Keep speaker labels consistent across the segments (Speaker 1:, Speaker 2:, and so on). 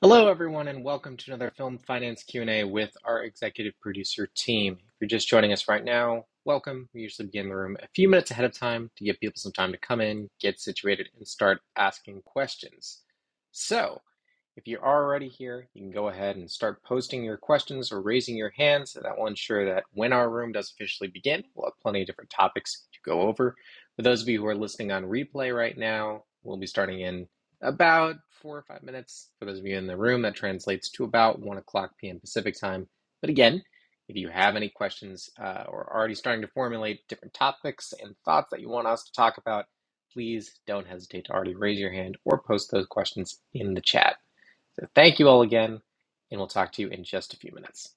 Speaker 1: Hello, everyone, and welcome to another Film Finance Q&A with our executive producer team. If you're just joining us right now, welcome. We usually begin the room a few minutes ahead of time to give people some time to come in, get situated, and start asking questions. So, if you're already here, you can go ahead and start posting your questions or raising your hands. That will ensure that when our room does officially begin, we'll have plenty of different topics to go over. For those of you who are listening on replay right now, we'll be starting in about four or five minutes. For those of you in the room, that translates to about 1 o'clock p.m. Pacific time. But again, if you have any questions uh, or already starting to formulate different topics and thoughts that you want us to talk about, please don't hesitate to already raise your hand or post those questions in the chat. So thank you all again, and we'll talk to you in just a few minutes.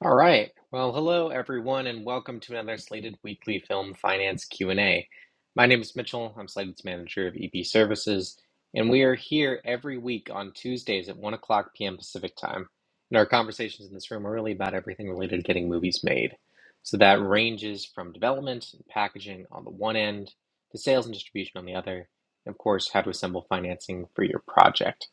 Speaker 1: All right. Well, hello everyone, and welcome to another Slated Weekly Film Finance Q and A. My name is Mitchell. I'm Slated's manager of EP Services, and we are here every week on Tuesdays at one o'clock p.m. Pacific time. And our conversations in this room are really about everything related to getting movies made. So that ranges from development and packaging on the one end, to sales and distribution on the other, and of course, how to assemble financing for your project.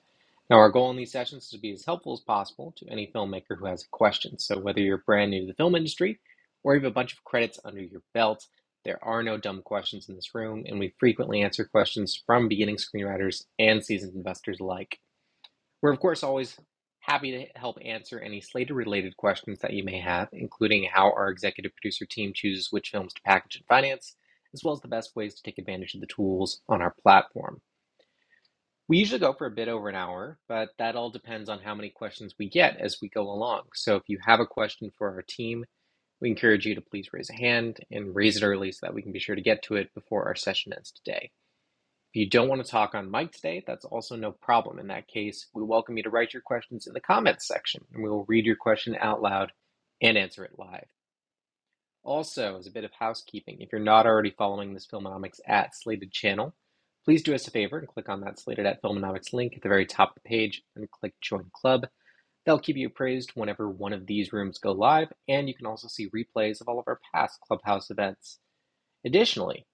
Speaker 1: Now, our goal in these sessions is to be as helpful as possible to any filmmaker who has a question. So, whether you're brand new to the film industry or you have a bunch of credits under your belt, there are no dumb questions in this room, and we frequently answer questions from beginning screenwriters and seasoned investors alike. We're, of course, always happy to help answer any Slater related questions that you may have, including how our executive producer team chooses which films to package and finance, as well as the best ways to take advantage of the tools on our platform. We usually go for a bit over an hour, but that all depends on how many questions we get as we go along. So if you have a question for our team, we encourage you to please raise a hand and raise it early so that we can be sure to get to it before our session ends today. If you don't want to talk on mic today, that's also no problem. In that case, we welcome you to write your questions in the comments section and we will read your question out loud and answer it live. Also, as a bit of housekeeping, if you're not already following this Filmonomics at Slated channel, please do us a favor and click on that Slated at Filmonomics link at the very top of the page and click Join Club. That'll keep you appraised whenever one of these rooms go live, and you can also see replays of all of our past Clubhouse events. Additionally,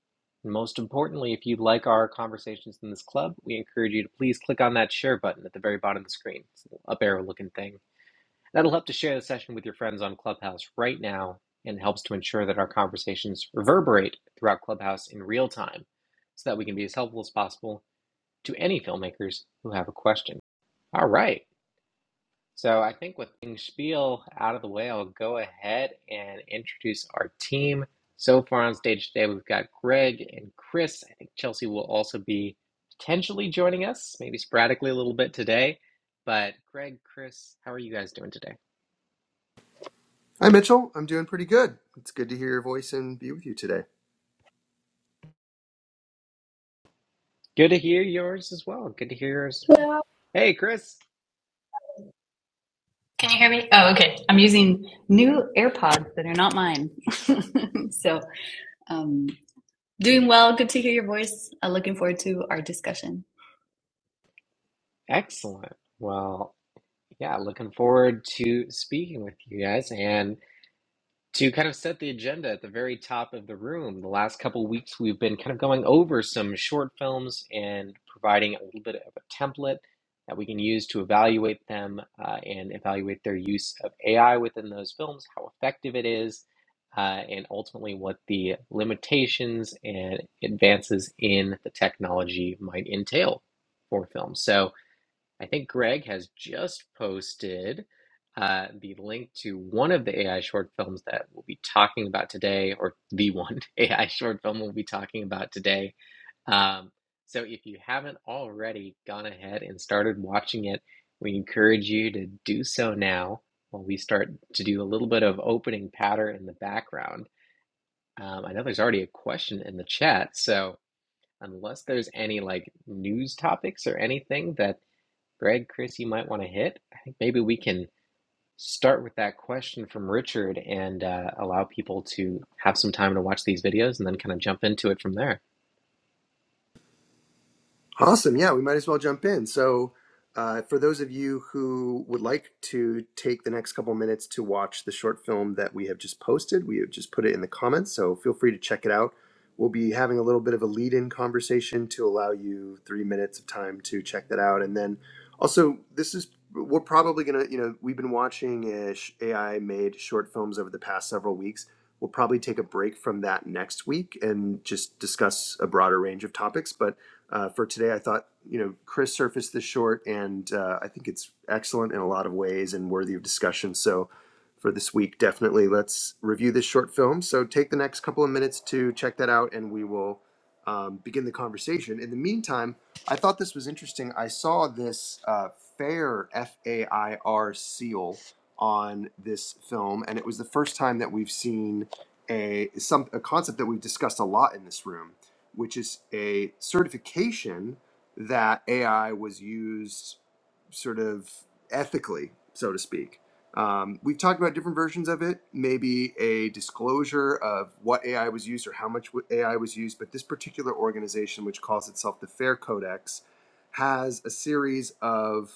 Speaker 1: and most importantly, if you like our conversations in this club, we encourage you to please click on that share button at the very bottom of the screen. It's a little up arrow looking thing That'll help to share the session with your friends on Clubhouse right now and helps to ensure that our conversations reverberate throughout Clubhouse in real time so that we can be as helpful as possible to any filmmakers who have a question. All right. So I think with being spiel out of the way, I'll go ahead and introduce our team. So far on stage today, we've got Greg and Chris. I think Chelsea will also be potentially joining us, maybe sporadically a little bit today. But Greg, Chris, how are you guys doing today?
Speaker 2: Hi, Mitchell. I'm doing pretty good. It's good to hear your voice and be with you today.
Speaker 1: Good to hear yours as well. Good to hear yours as well. Hey, Chris.
Speaker 3: Can you hear me? Oh, okay. I'm using new AirPods that are not mine. so, um, doing well. Good to hear your voice. Uh, looking forward to our discussion.
Speaker 1: Excellent. Well, yeah, looking forward to speaking with you guys. and. to kind of set the agenda at the very top of the room, the last couple of weeks we've been kind of going over some short films and providing a little bit of a template that we can use to evaluate them uh, and evaluate their use of AI within those films, how effective it is, uh, and ultimately what the limitations and advances in the technology might entail for films. So, I think Greg has just posted uh, the link to one of the AI short films that we'll be talking about today, or the one AI short film we'll be talking about today. Um, so if you haven't already gone ahead and started watching it, we encourage you to do so now while we start to do a little bit of opening patter in the background. Um, I know there's already a question in the chat, so unless there's any like news topics or anything that. Greg, Chris, you might want to hit. I think maybe we can start with that question from Richard and uh, allow people to have some time to watch these videos and then kind of jump into it from there.
Speaker 2: Awesome. Yeah, we might as well jump in. So, uh, for those of you who would like to take the next couple minutes to watch the short film that we have just posted, we have just put it in the comments. So, feel free to check it out. We'll be having a little bit of a lead in conversation to allow you three minutes of time to check that out. And then also, this is, we're probably going to, you know, we've been watching uh, sh- AI made short films over the past several weeks. We'll probably take a break from that next week and just discuss a broader range of topics. But uh, for today. I thought, you know, Chris surfaced this short, and uh, I think it's excellent in a lot of ways and worthy of discussion. So, for this week, definitely let's review this short film. So, take the next couple of minutes to check that out, and we will um, begin the conversation. In the meantime, I thought this was interesting. I saw this uh, fair F A I R seal on this film, and it was the first time that we've seen a some a concept that we've discussed a lot in this room, which is a certification that AI was used sort of ethically, so to speak. Um, we've talked about different versions of it, maybe a disclosure of what AI was used or how much AI was used, but this particular organization, which calls itself the FAIR Codex, has a series of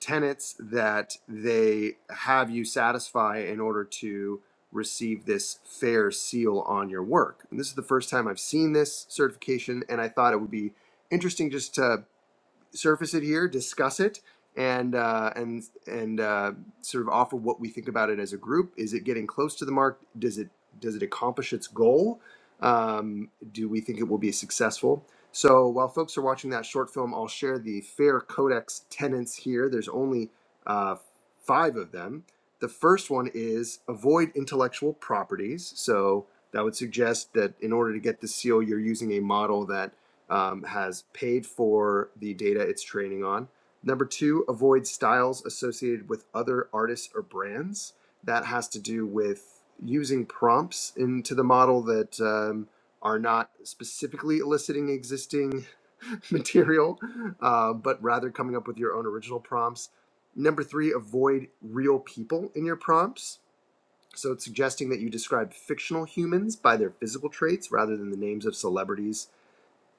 Speaker 2: tenets that they have you satisfy in order to receive this fair seal on your work. And this is the first time I've seen this certification, and I thought it would be interesting just to surface it here, discuss it, and uh, and and uh, sort of offer what we think about it as a group. Is it getting close to the mark? Does it does it accomplish its goal? Um, do we think it will be successful? So while folks are watching that short film, I'll share the Fair Codex tenets here. There's only uh, five of them. The first one is avoid intellectual properties. So that would suggest that in order to get the seal, you're using a model that um, has paid for the data it's training on. Number two, avoid styles associated with other artists or brands. That has to do with using prompts into the model that um, are not specifically eliciting existing material, uh, but rather coming up with your own original prompts. Number three, avoid real people in your prompts. So it's suggesting that you describe fictional humans by their physical traits rather than the names of celebrities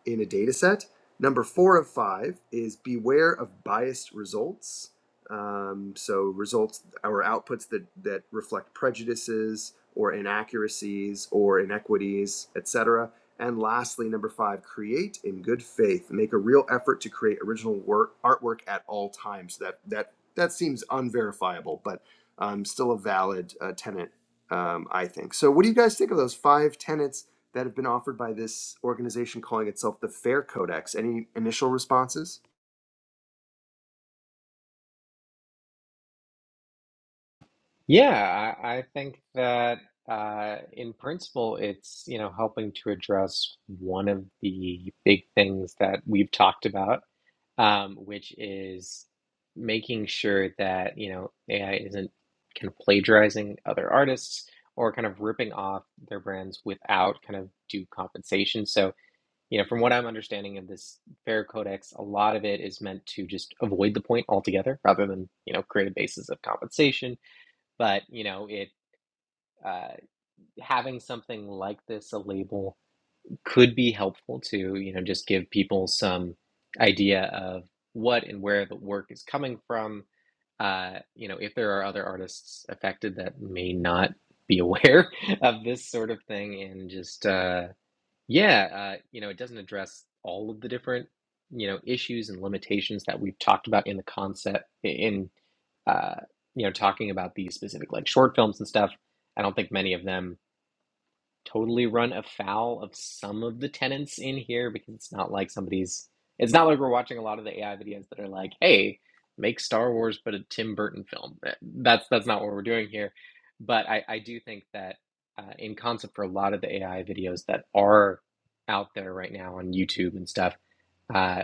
Speaker 2: in a data set. Number four of five is beware of biased results. Um, so results or outputs that, that reflect prejudices or inaccuracies or inequities, etc. And lastly, number five, create in good faith. Make a real effort to create original work artwork at all times. That that that seems unverifiable, but um, still a valid uh, tenant, um, I think. So, what do you guys think of those five tenets that have been offered by this organization calling itself the Fair Codex. Any initial responses?
Speaker 1: Yeah, I, I think that uh, in principle, it's, you know, helping to address one of the big things that we've talked about, um, which is making sure that, you know, AI isn't kind of plagiarizing other artists or kind of ripping off their brands without kind of due compensation. So, you know, from what I'm understanding of this FAIR Codex, a lot of it is meant to just avoid the point altogether rather than, you know, create a basis of compensation but you know it uh, having something like this a label could be helpful to you know just give people some idea of what and where the work is coming from uh, you know if there are other artists affected that may not be aware of this sort of thing and just uh, yeah, uh, you know, it doesn't address all of the different, you know, issues and limitations that we've talked about in the concept in uh, you know, talking about these specific like short films and stuff. I don't think many of them totally run afoul of some of the tenants in here because it's not like somebody's it's not like we're watching a lot of the AI videos that are like, "Hey, make Star Wars but a Tim Burton film." Eh, That's that's not what we're doing here, but I I do think that uh, in concept for a lot of the AI videos that are out there right now on YouTube and stuff, uh,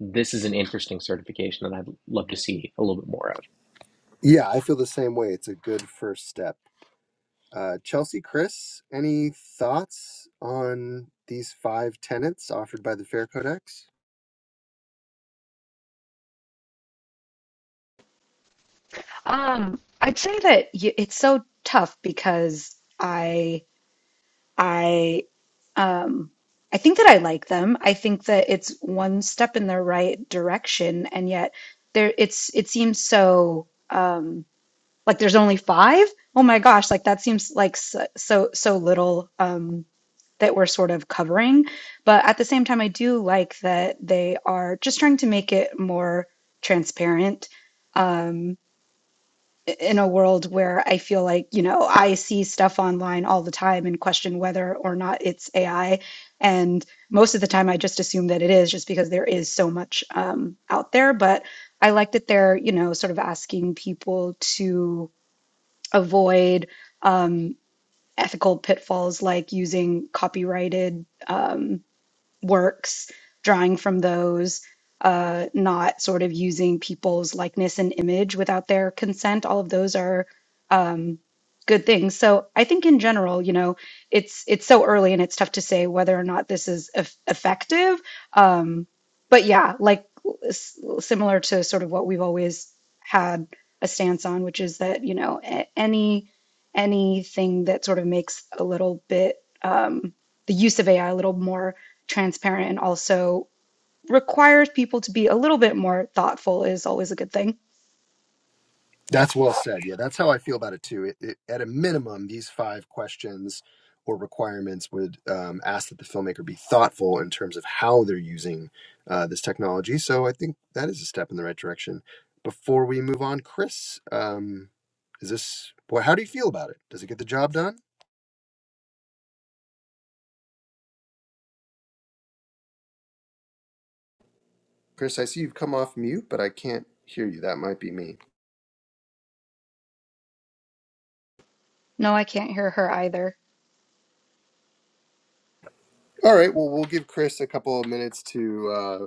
Speaker 1: this is an interesting certification that I'd love to see a little bit more of.
Speaker 2: Yeah, I feel the same way. It's a good first step. Uh, Chelsea, Chris, any thoughts on these five tenets offered by the Fair Codex?
Speaker 4: Um, I'd say that y it's so tough because I I um I think that I like them. I think that it's one step in the right direction, and yet there it's it seems so um like there's only five. Oh my gosh, like that seems like so so, so little um that we're sort of covering. But at the same time, I do like that they are just trying to make it more transparent. Um, in a world where I feel like, you know, I see stuff online all the time and question whether or not it's AI. And most of the time, I just assume that it is just because there is so much um, out there. But I like that they're, you know, sort of asking people to avoid um, ethical pitfalls like using copyrighted um, works, drawing from those, uh, not sort of using people's likeness and image without their consent. All of those are um, good things. So I think in general, you know, it's it's so early and it's tough to say whether or not this is eff effective. Um, but yeah, like s- similar to sort of what we've always had a stance on, which is that you know a- any anything that sort of makes a little bit um, the use of AI a little more transparent and also requires people to be a little bit more thoughtful is always a good thing.
Speaker 2: That's well said. Yeah, that's how I feel about it too. It, it, at a minimum, these five questions or requirements would um, ask that the filmmaker be thoughtful in terms of how they're using uh, this technology. So I think that is a step in the right direction. Before we move on, Chris, um, is this boy? How do you feel about it? Does it get the job done? Chris, I see you've come off mute, but I can't hear you. That might be me.
Speaker 4: No, I can't hear her either.
Speaker 2: All right. Well, we'll give Chris a couple of minutes to uh,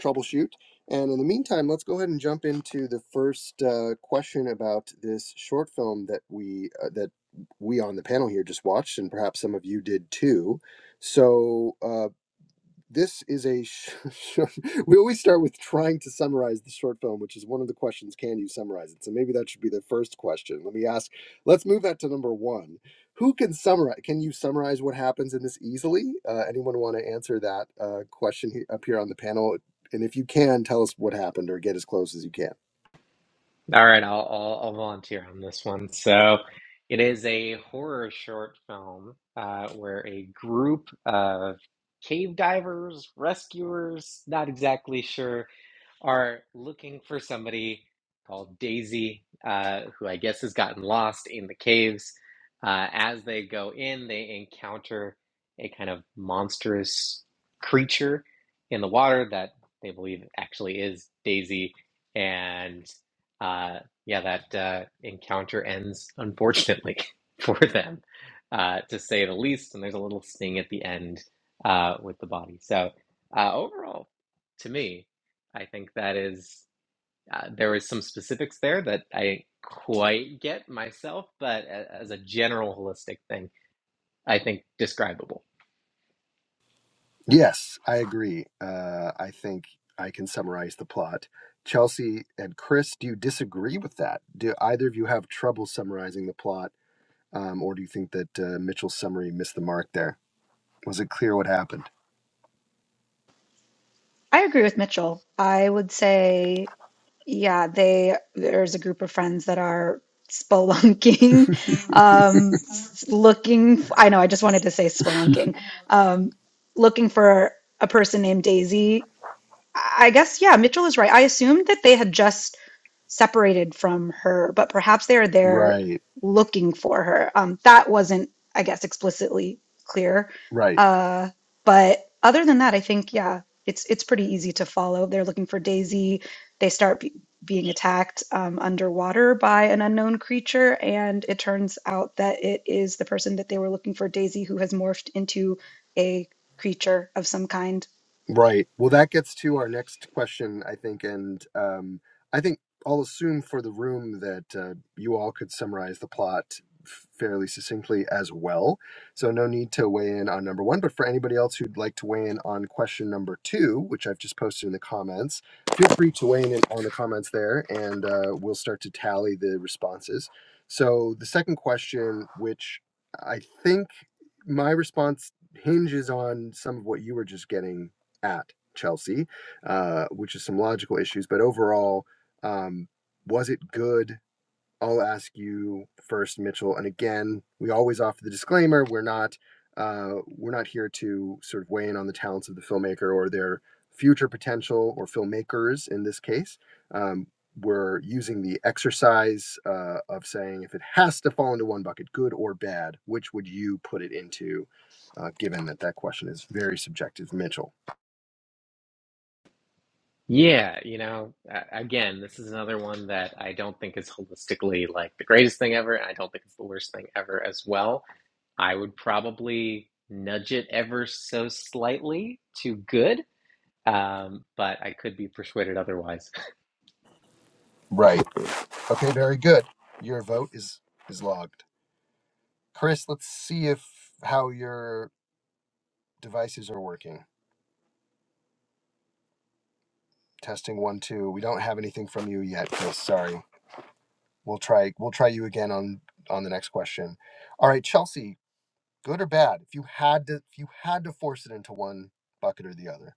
Speaker 2: troubleshoot. And in the meantime, let's go ahead and jump into the first uh, question about this short film that we uh, that we on the panel here just watched, and perhaps some of you did too. So, uh, this is a sh- short. We always start with trying to summarize the short film, which is one of the questions. Can you summarize it? So maybe that should be the first question. Let me ask. Let's move that to number one. Who can summarize? Can you summarize what happens in this easily? Uh, anyone want to answer that uh, question he- up here on the panel? And if you can, tell us what happened or get as close as you can.
Speaker 1: All right, I'll, I'll I'll volunteer on this one. So, it is a horror short film uh, where a group of cave divers, rescuers, not exactly sure are looking for somebody called Daisy, uh, who I guess has gotten lost in the caves. Uh, as they go in, they encounter a kind of monstrous creature in the water that they believe actually is Daisy. And uh, yeah, that uh, encounter ends unfortunately for them, uh, to say the least. And there's a little sting at the end uh, with the body. So uh, overall, to me, I think that is, uh, there was some specifics there that I didn't quite get myself, but a- as a general holistic thing, I think describable.
Speaker 2: Yes, I agree. Uh, I think I can summarize the plot. Chelsea and Chris, do you disagree with that? Do either of you have trouble summarizing the plot? Um, or do you think that uh, Mitchell's summary missed the mark there? Was it clear what happened?
Speaker 4: I agree with Mitchell. I would say, yeah, they there's a group of friends that are spelunking, um, s- looking. f I I know, I just wanted to say spelunking, um, looking for a person named Daisy I guess, yeah, Mitchell is right. I assumed that they had just separated from her, but perhaps they are there
Speaker 2: Right,
Speaker 4: looking for her. Um, that wasn't, I guess, explicitly clear.
Speaker 2: right.
Speaker 4: Uh, but other than that, I think, yeah, it's it's pretty easy to follow. They're looking for Daisy. They start be being attacked um, underwater by an unknown creature, and it turns out that it is the person that they were looking for, Daisy, who has morphed into a creature of some kind
Speaker 2: Right. Well, that gets to our next question, I think, and um, I think I'll assume for the room that uh, you all could summarize the plot fairly succinctly as well. So no need to weigh in on number one. But for anybody else who'd like to weigh in on question number two, which I've just posted in the comments, feel free to weigh in on the comments there, and uh, we'll start to tally the responses. So the second question, which I think my response hinges on some of what you were just getting at Chelsea, uh, which is some logical issues. But overall, um, was it good? I'll ask you first, Mitchell. And again, we always offer the disclaimer: we're not uh, we're not here to sort of weigh in on the talents of the filmmaker or their future potential or filmmakers in this case. Um, we're using the exercise uh, of saying if it has to fall into one bucket, good or bad, which would you put it into, uh, given that that question is very subjective, Mitchell?
Speaker 1: Yeah, you know, a- again, this is another one that I don't think is holistically like the greatest thing ever, and I don't think it's the worst thing ever as well. I would probably nudge it ever so slightly to good, um, but I could be persuaded otherwise.
Speaker 2: Right. Okay, very good. Your vote is is logged. Chris, let's see if how your devices are working. Testing one two. We don't have anything from you yet, Chris. Sorry. We'll try we'll try you again on on the next question. All right, Chelsea, good or bad? If you had to if you had to force it into one bucket or the other.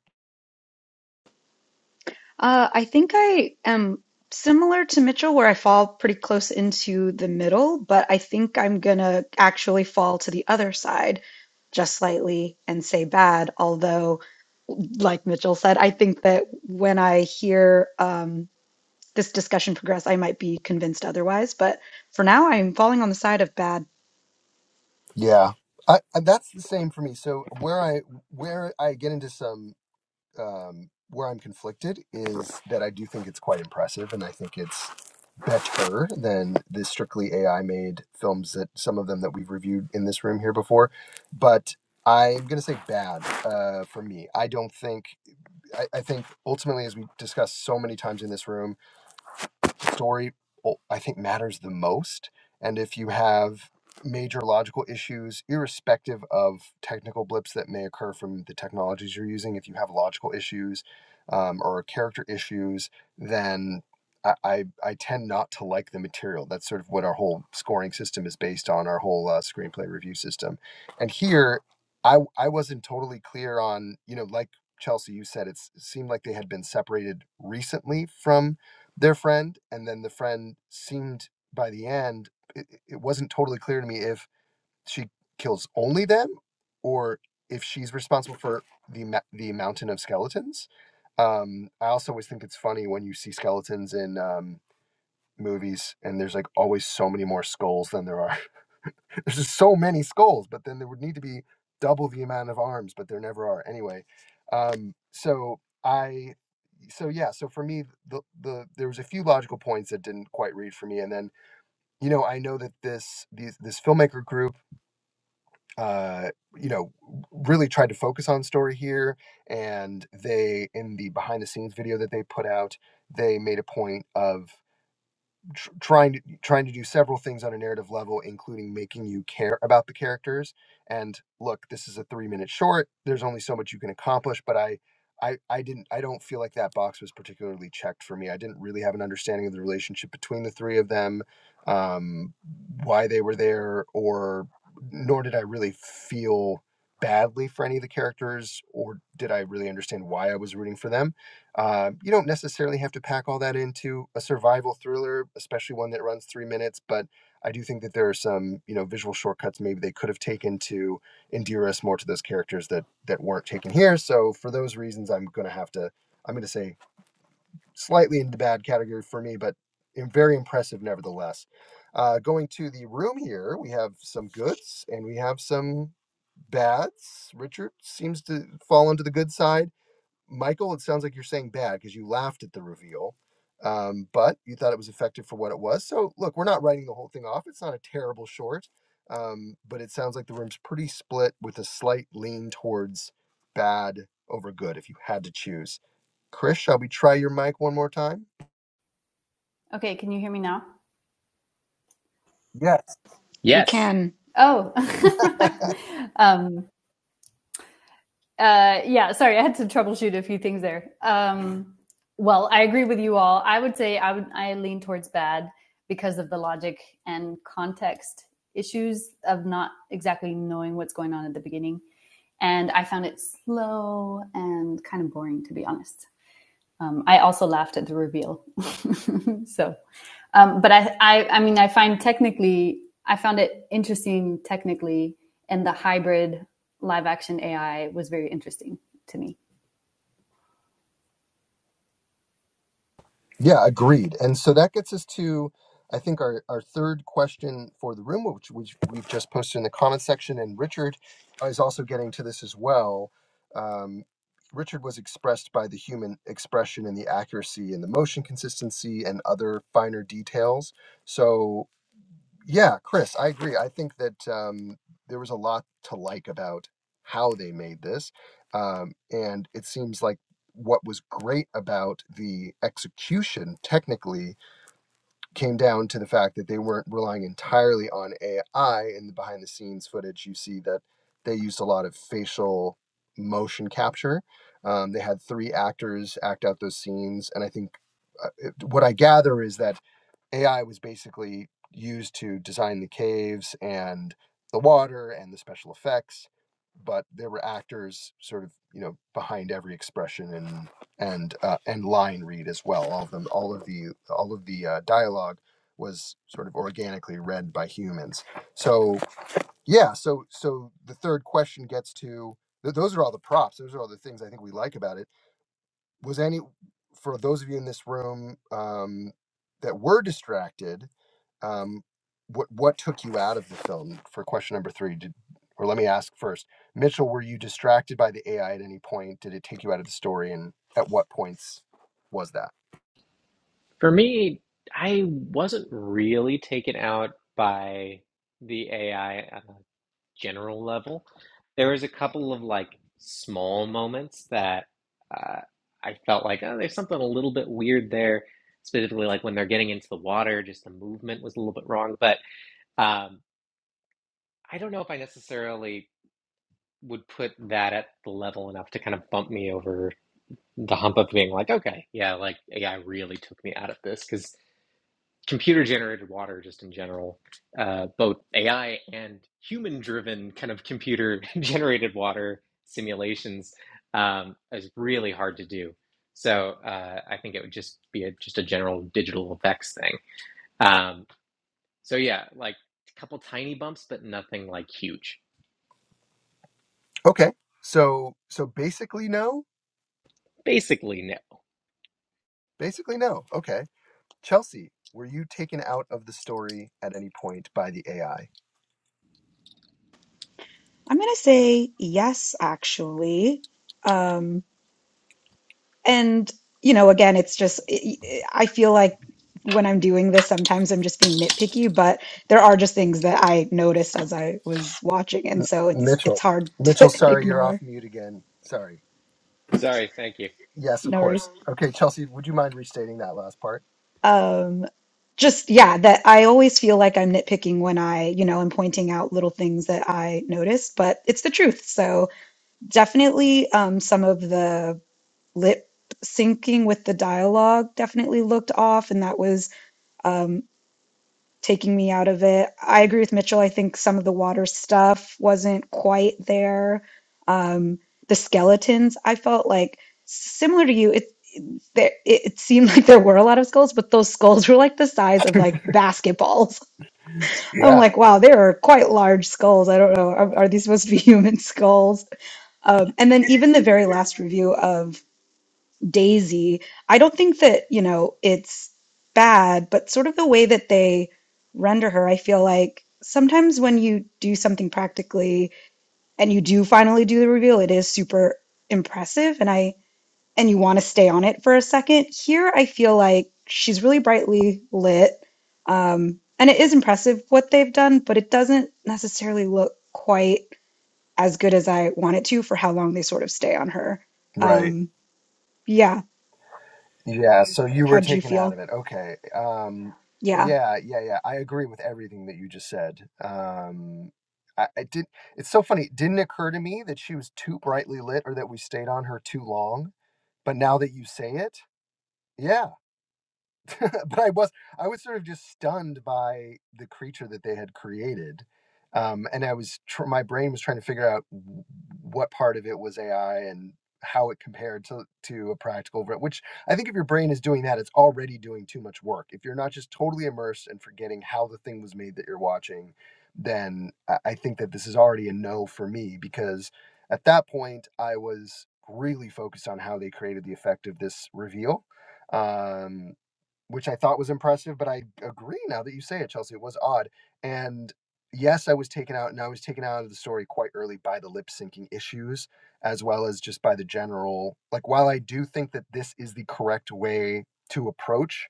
Speaker 4: Uh, I think I am similar to Mitchell, where I fall pretty close into the middle, but I think I'm gonna actually fall to the other side just slightly and say bad. Although, like Mitchell said, I think that when I hear um, this discussion progress, I might be convinced otherwise. But for now, I'm falling on the side of bad.
Speaker 2: Yeah. I, I that's the same for me. So where I where I get into some um where I'm conflicted is that I do think it's quite impressive and I think it's better than the strictly AI made films that some of them that we've reviewed in this room here before. But I'm going to say bad uh, for me. I don't think, I, I think ultimately, as we discussed so many times in this room, story oh, I think matters the most. And if you have major logical issues, irrespective of technical blips that may occur from the technologies you're using, if you have logical issues um, or character issues, then I, I, I tend not to like the material. That's sort of what our whole scoring system is based on, our whole uh, screenplay review system. And here, I, I wasn't totally clear on, you know, like Chelsea, you said it's, it seemed like they had been separated recently from their friend and then the friend seemed by the end it, it wasn't totally clear to me if she kills only them or if she's responsible for the the mountain of skeletons um i also always think it's funny when you see skeletons in um movies and there's like always so many more skulls than there are there's just so many skulls but then there would need to be double the amount of arms but there never are anyway um so i so yeah so for me the, the there was a few logical points that didn't quite read for me and then you know i know that this these, this filmmaker group uh you know really tried to focus on story here and they in the behind the scenes video that they put out they made a point of tr- trying to trying to do several things on a narrative level including making you care about the characters and look this is a 3 minute short there's only so much you can accomplish but i I, I didn't I don't feel like that box was particularly checked for me. I didn't really have an understanding of the relationship between the three of them, um, why they were there, or nor did I really feel badly for any of the characters, or did I really understand why I was rooting for them uh, you don't necessarily have to pack all that into a survival thriller, especially one that runs three minutes. But I do think that there are some, you know, visual shortcuts maybe they could have taken to endear us more to those characters that that weren't taken here. So for those reasons, I'm going to have to, I'm going to say slightly in the bad category for me, but im- very impressive nevertheless. Uh, going to the room here, we have some goods and we have some bads. Richard seems to fall onto the good side Michael, it sounds like you're saying bad because you laughed at the reveal, um, but you thought it was effective for what it was. So, look, we're not writing the whole thing off. It's not a terrible short, um, but it sounds like the room's pretty split with a slight lean towards bad over good if you had to choose. Chris, shall we try your mic one more time?
Speaker 3: Okay, can you hear me now?
Speaker 2: Yes.
Speaker 4: We
Speaker 1: Yes,
Speaker 4: can.
Speaker 3: Oh, um, Uh, yeah, sorry, I had to troubleshoot a few things there. Um, well, I agree with you all. I would say I would I lean towards bad because of the logic and context issues of not exactly knowing what's going on at the beginning. And I found it slow and kind of boring, to be honest. Um, I also laughed at the reveal. so um, but I, I, I mean, I find technically, I found it interesting technically, and the hybrid live action AI was very interesting to me.
Speaker 2: Yeah, agreed. And so that gets us to, I think, our, our third question for the room, which, which we've just posted in the comment section. And Richard is also getting to this as well. Um, Richard was expressed by the human expression and the accuracy and the motion consistency and other finer details. So yeah, Chris, I agree. I think that um, there was a lot to like about how they made this. Um, and it seems like what was great about the execution technically came down to the fact that they weren't relying entirely on AI in the behind the scenes footage. You see that they used a lot of facial motion capture. Um, they had three actors act out those scenes. And I think uh, it- what I gather is that AI was basically used to design the caves and the water and the special effects, but there were actors sort of you know behind every expression and and uh, and line read as well. All of them, all of the all of the uh, dialogue was sort of organically read by humans. So yeah, so so the third question gets to th- those are all the props. Those are all the things I think we like about it. Was any for those of you in this room um, that were distracted um, what what took you out of the film for question number three did or let me ask first mitchell were you distracted by the ai at any point did it take you out of the story and at what points was that
Speaker 1: For me, I wasn't really taken out by the AI on a general level. There was a couple of like small moments that uh, I felt like, oh, there's something a little bit weird there, specifically like when they're getting into the water, just the movement was a little bit wrong. But um, I don't know if I necessarily would put that at the level enough to kind of bump me over the hump of being like, okay, yeah, like AI really took me out of this because. computer generated water just in general uh, both ai and human driven kind of computer generated water simulations um, is really hard to do so uh, i think it would just be a, just a general digital effects thing um, so yeah like a couple tiny bumps but nothing like huge
Speaker 2: okay so so basically no
Speaker 1: basically no
Speaker 2: basically no okay chelsea were you taken out of the story at any point by the ai
Speaker 4: I'm gonna say yes, actually. Um, and you know again it's just i feel like when i'm doing this sometimes i'm just being nitpicky but there are just things that i noticed as i was watching and so it's it's
Speaker 2: mitchell
Speaker 4: hard
Speaker 2: mitchell
Speaker 4: to
Speaker 2: sorry you're off
Speaker 4: ignore
Speaker 2: mute again sorry
Speaker 1: sorry thank you
Speaker 2: yes of
Speaker 4: no worries
Speaker 2: course okay chelsea would you mind restating that last part
Speaker 4: um just yeah that i always feel like i'm nitpicking when i you know i am pointing out little things that i noticed but it's the truth so definitely um some of the lip syncing with the dialogue definitely looked off and that was um, taking me out of it. I agree with Mitchell. I think some of the water stuff wasn't quite there. Um, the skeletons, I felt like similar to you. It there, it, it seemed like there were a lot of skulls, but those skulls were like the size of like basketballs. I'm
Speaker 2: yeah
Speaker 4: like, wow, they are quite large skulls. I don't know. Are, are these supposed to be human skulls? Um, and then even the very last review of Daisy. I don't think that, you know, it's bad, but sort of the way that they render her, I feel like sometimes when you do something practically and you do finally do the reveal, it is super impressive and I and you want to stay on it for a second. Here I feel like she's really brightly lit. Um and it is impressive what they've done, but it doesn't necessarily look quite as good as I want it to for how long they sort of stay on her.
Speaker 2: Right.
Speaker 4: Um yeah,
Speaker 2: Yeah. So you were
Speaker 4: how'd you
Speaker 2: taken out
Speaker 4: feel?
Speaker 2: of it. Okay. Um,
Speaker 4: Yeah.
Speaker 2: yeah. Yeah. Yeah. I agree with everything that you just said. Um, I, I did. It's so funny. It didn't occur to me that she was too brightly lit or that we stayed on her too long. But now that you say it, yeah. but I was I was sort of just stunned by the creature that they had created, um, and I was tr- my brain was trying to figure out w- what part of it was AI and how it compared to to a practical ver- which I think if your brain is doing that, it's already doing too much work. If you're not just totally immersed and forgetting how the thing was made that you're watching, then I I think that this is already a no for me because at that point I was really focused on how they created the effect of this reveal um which I thought was impressive. But I agree now that you say it, Chelsea. It was odd. And yes, I was taken out, and I was taken out of the story quite early by the lip syncing issues, as well as just by the general. Like, while I do think that this is the correct way to approach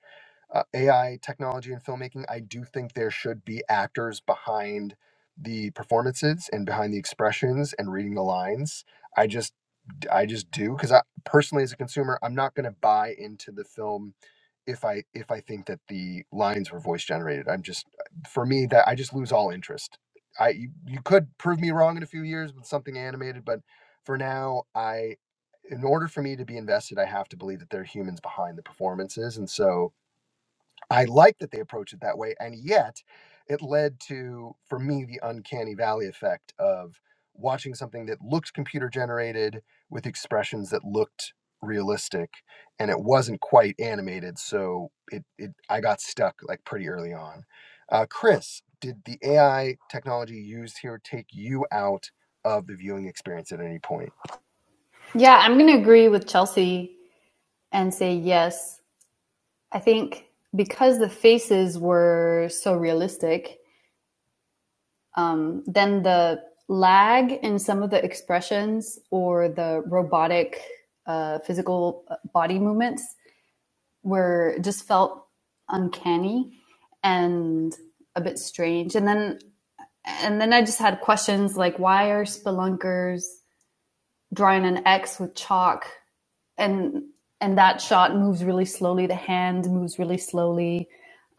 Speaker 2: uh, AI technology and filmmaking, I do think there should be actors behind the performances and behind the expressions and reading the lines. I just I just do because I personally, as a consumer, I'm not going to buy into the film if I if I think that the lines were voice generated. I'm just for me that I just lose all interest. I you, you could prove me wrong in a few years with something animated, but for now I in order for me to be invested, I have to believe that there are humans behind the performances. And so I like that they approach it that way, and yet it led to, for me, the uncanny valley effect of watching something that looked computer generated with expressions that looked realistic, and it wasn't quite animated, so it, it I got stuck like pretty early on. Uh, Chris, did the AI technology used here take you out of the viewing experience at any point?
Speaker 3: Yeah, I'm going to agree with Chelsea and say yes. I think because the faces were so realistic, um, then the lag in some of the expressions or the robotic uh, physical uh, body movements were just felt uncanny and a bit strange. And then and then I just had questions like why are spelunkers drawing an X with chalk and and that shot moves really slowly, the hand moves really slowly.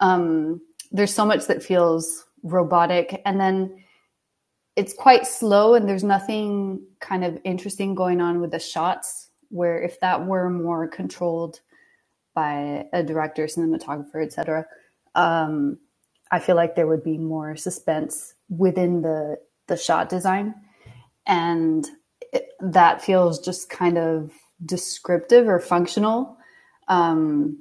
Speaker 3: Um, there's so much that feels robotic and then it's quite slow and there's nothing kind of interesting going on with the shots where if that were more controlled by a director, cinematographer, etc. Um, I feel like there would be more suspense within the the shot design, and it, that feels just kind of descriptive or functional, um,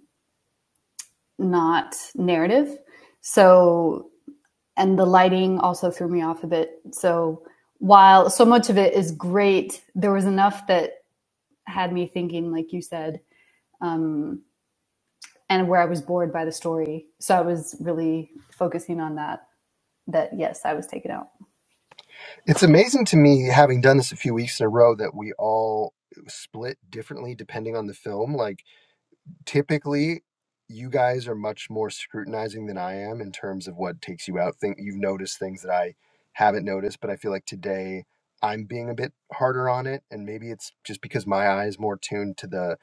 Speaker 3: not narrative. So, and the lighting also threw me off a bit. So, while so much of it is great, there was enough that had me thinking, like you said, and where I was bored by the story. So I was really focusing on that. That yes, I was taken out.
Speaker 2: It's amazing to me, having done this a few weeks in a row, that we all split differently depending on the film. Like typically you guys are much more scrutinizing than I am in terms of what takes you out. Think you've noticed things that I haven't noticed, but I feel like today I'm being a bit harder on it. And maybe it's just because my eye is more tuned to the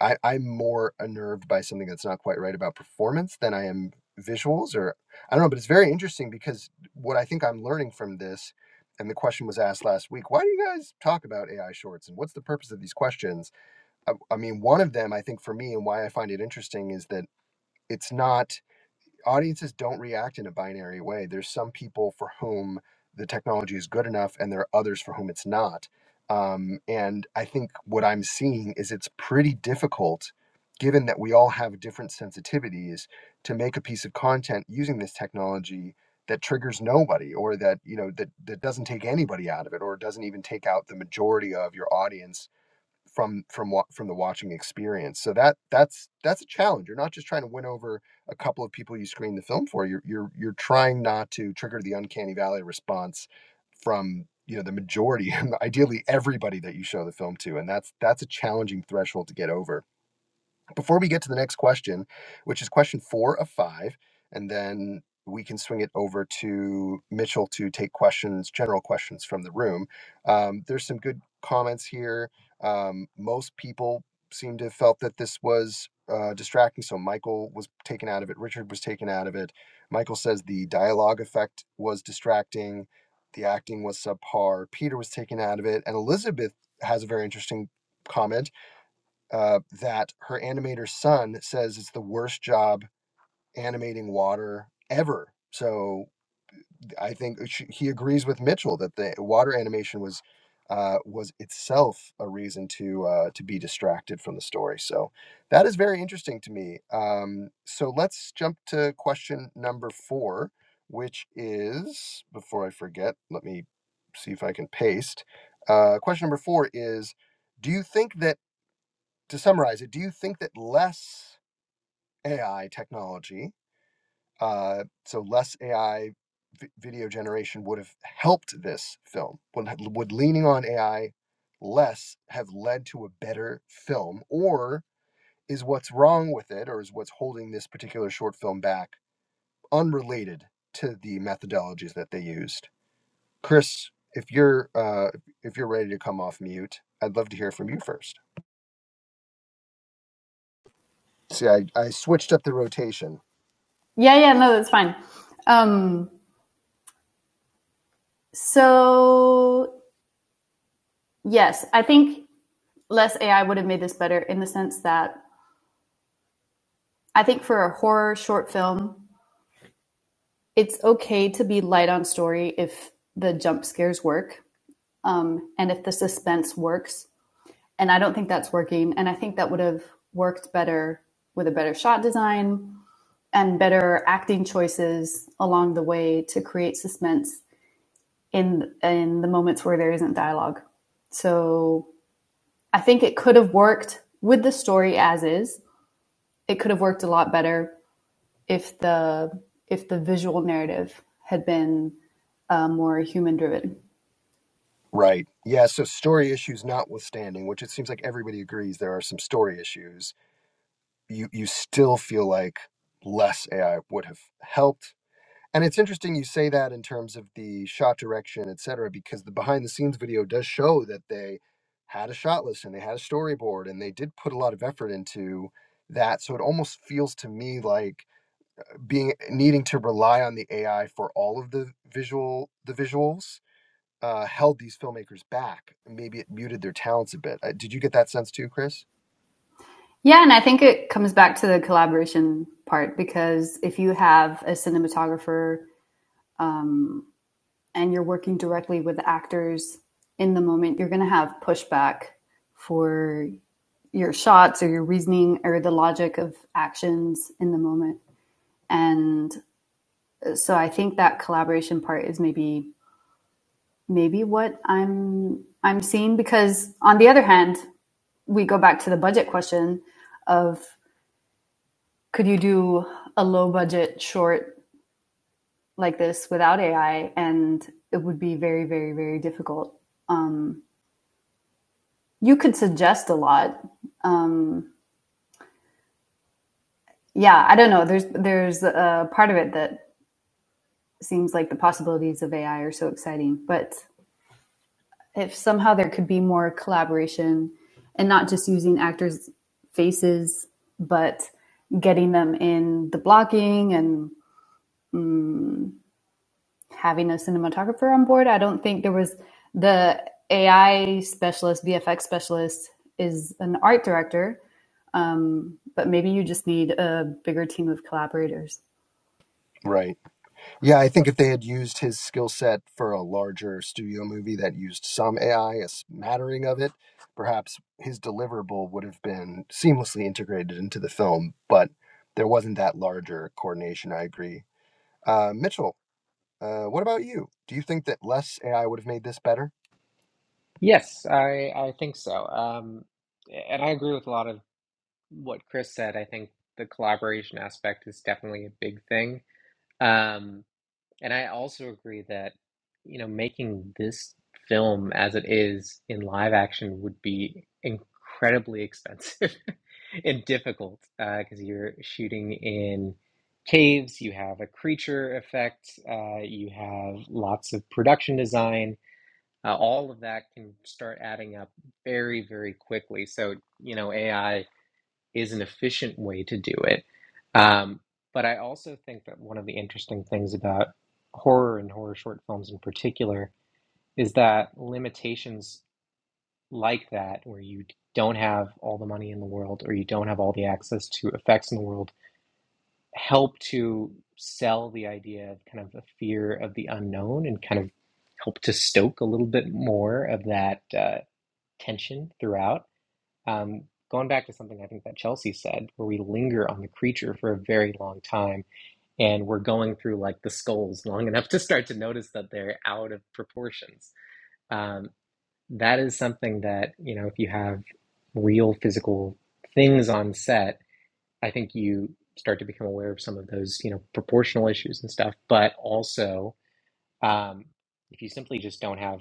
Speaker 2: I, I'm more unnerved by something that's not quite right about performance than I am visuals or I don't know, but it's very interesting because what I think I'm learning from this, and the question was asked last week, why do you guys talk about AI shorts and what's the purpose of these questions? I, I mean, one of them, I think, for me, and why I find it interesting is that it's not audiences don't react in a binary way. There's some people for whom the technology is good enough, and there are others for whom it's not. Um, and I think what I'm seeing is it's pretty difficult, given that we all have different sensitivities, to make a piece of content using this technology that triggers nobody or that you know that that doesn't take anybody out of it or doesn't even take out the majority of your audience from from what from the watching experience. So that that's that's a challenge. You're not just trying to win over a couple of people you screen the film for. You're you're you're trying not to trigger the uncanny valley response from you know the majority, and ideally everybody that you show the film to, and that's that's a challenging threshold to get over before we get to the next question, which is question four of five, and then we can swing it over to Mitchell to take questions, general questions from the room. Um, there's some good comments here. Um, most people seem to have felt that this was uh, distracting, so Michael was taken out of it. Richard was taken out of it. Michael says the dialogue effect was distracting. The acting was subpar. Peter was taken out of it, and Elizabeth has a very interesting comment uh, that her animator son says it's the worst job animating water ever. So I think she, he agrees with Mitchell that the water animation was uh, was itself a reason to uh, to be distracted from the story. So that is very interesting to me. Um, so let's jump to question number four, which is before I forget, let me see if I can paste. Uh, question number four is: Do you think that to summarize it, do you think that less AI technology, uh, so less AI video generation, would have helped this film? Would, would leaning on AI less have led to a better film? Or is what's wrong with it, or is what's holding this particular short film back unrelated to the methodologies that they used? Chris, if you're uh, if you're ready to come off mute, I'd love to hear from you first. See, I, I switched up the rotation
Speaker 3: Yeah, yeah, no, that's fine. Um, so yes, I think less AI would have made this better in the sense that I think for a horror short film, it's okay to be light on story if the jump scares work um, and if the suspense works. And I don't think that's working. And I think that would have worked better with a better shot design and better acting choices along the way to create suspense in in the moments where there isn't dialogue. So I think it could have worked with the story as is. It could have worked a lot better if the if the visual narrative had been uh, more human driven.
Speaker 2: Right. Yeah. So story issues notwithstanding, which it seems like everybody agrees there are some story issues, you you still feel like less AI would have helped. And it's interesting you say that in terms of the shot direction, et cetera, because the behind the scenes video does show that they had a shot list and they had a storyboard and they did put a lot of effort into that. So it almost feels to me like being needing to rely on the AI for all of the visual the visuals uh, held these filmmakers back. Maybe it muted their talents a bit. Uh, did you get that sense too, Chris?
Speaker 3: Yeah, and I think it comes back to the collaboration part because if you have a cinematographer um, and you're working directly with actors in the moment, you're going to have pushback for your shots or your reasoning or the logic of actions in the moment. And so I think that collaboration part is maybe maybe what I'm I'm seeing because on the other hand, we go back to the budget question of could you do a low budget short like this without AI and it would be very very very difficult you could suggest a lot. Um, yeah, I don't know. There's there's a part of it that seems like the possibilities of AI are so exciting, but if somehow there could be more collaboration and not just using actors' faces, but getting them in the blocking and having a cinematographer on board, I don't think there was the AI specialist, VFX specialist is an art director, um, but maybe you just need a bigger team of collaborators.
Speaker 2: Right. Yeah, I think if they had used his skill set for a larger studio movie that used some AI, a smattering of it, perhaps his deliverable would have been seamlessly integrated into the film, but there wasn't that larger coordination, I agree. Uh, Mitchell, uh, what about you? Do you think that less AI would have made this better?
Speaker 1: yes i i think so um, and i agree with a lot of what chris said i think the collaboration aspect is definitely a big thing Um, and I also agree that, you know, making this film as it is in live action would be incredibly expensive and difficult uh, because you're shooting in caves, you have a creature effect, uh, you have lots of production design. Uh, all of that can start adding up very, very quickly. So, you know, AI is an efficient way to do it. Um, but I also think that one of the interesting things about horror and horror short films in particular is that limitations like that, where you don't have all the money in the world or you don't have all the access to effects in the world, help to sell the idea of kind of a fear of the unknown and kind of help to stoke a little bit more of that uh, tension throughout. Um, going back to something I think that Chelsea said, where we linger on the creature for a very long time and we're going through like the skulls long enough to start to notice that they're out of proportions. Um, that is something that, you know, if you have real physical things on set, I think you start to become aware of some of those, you know, proportional issues and stuff. But also, um, if you simply just don't have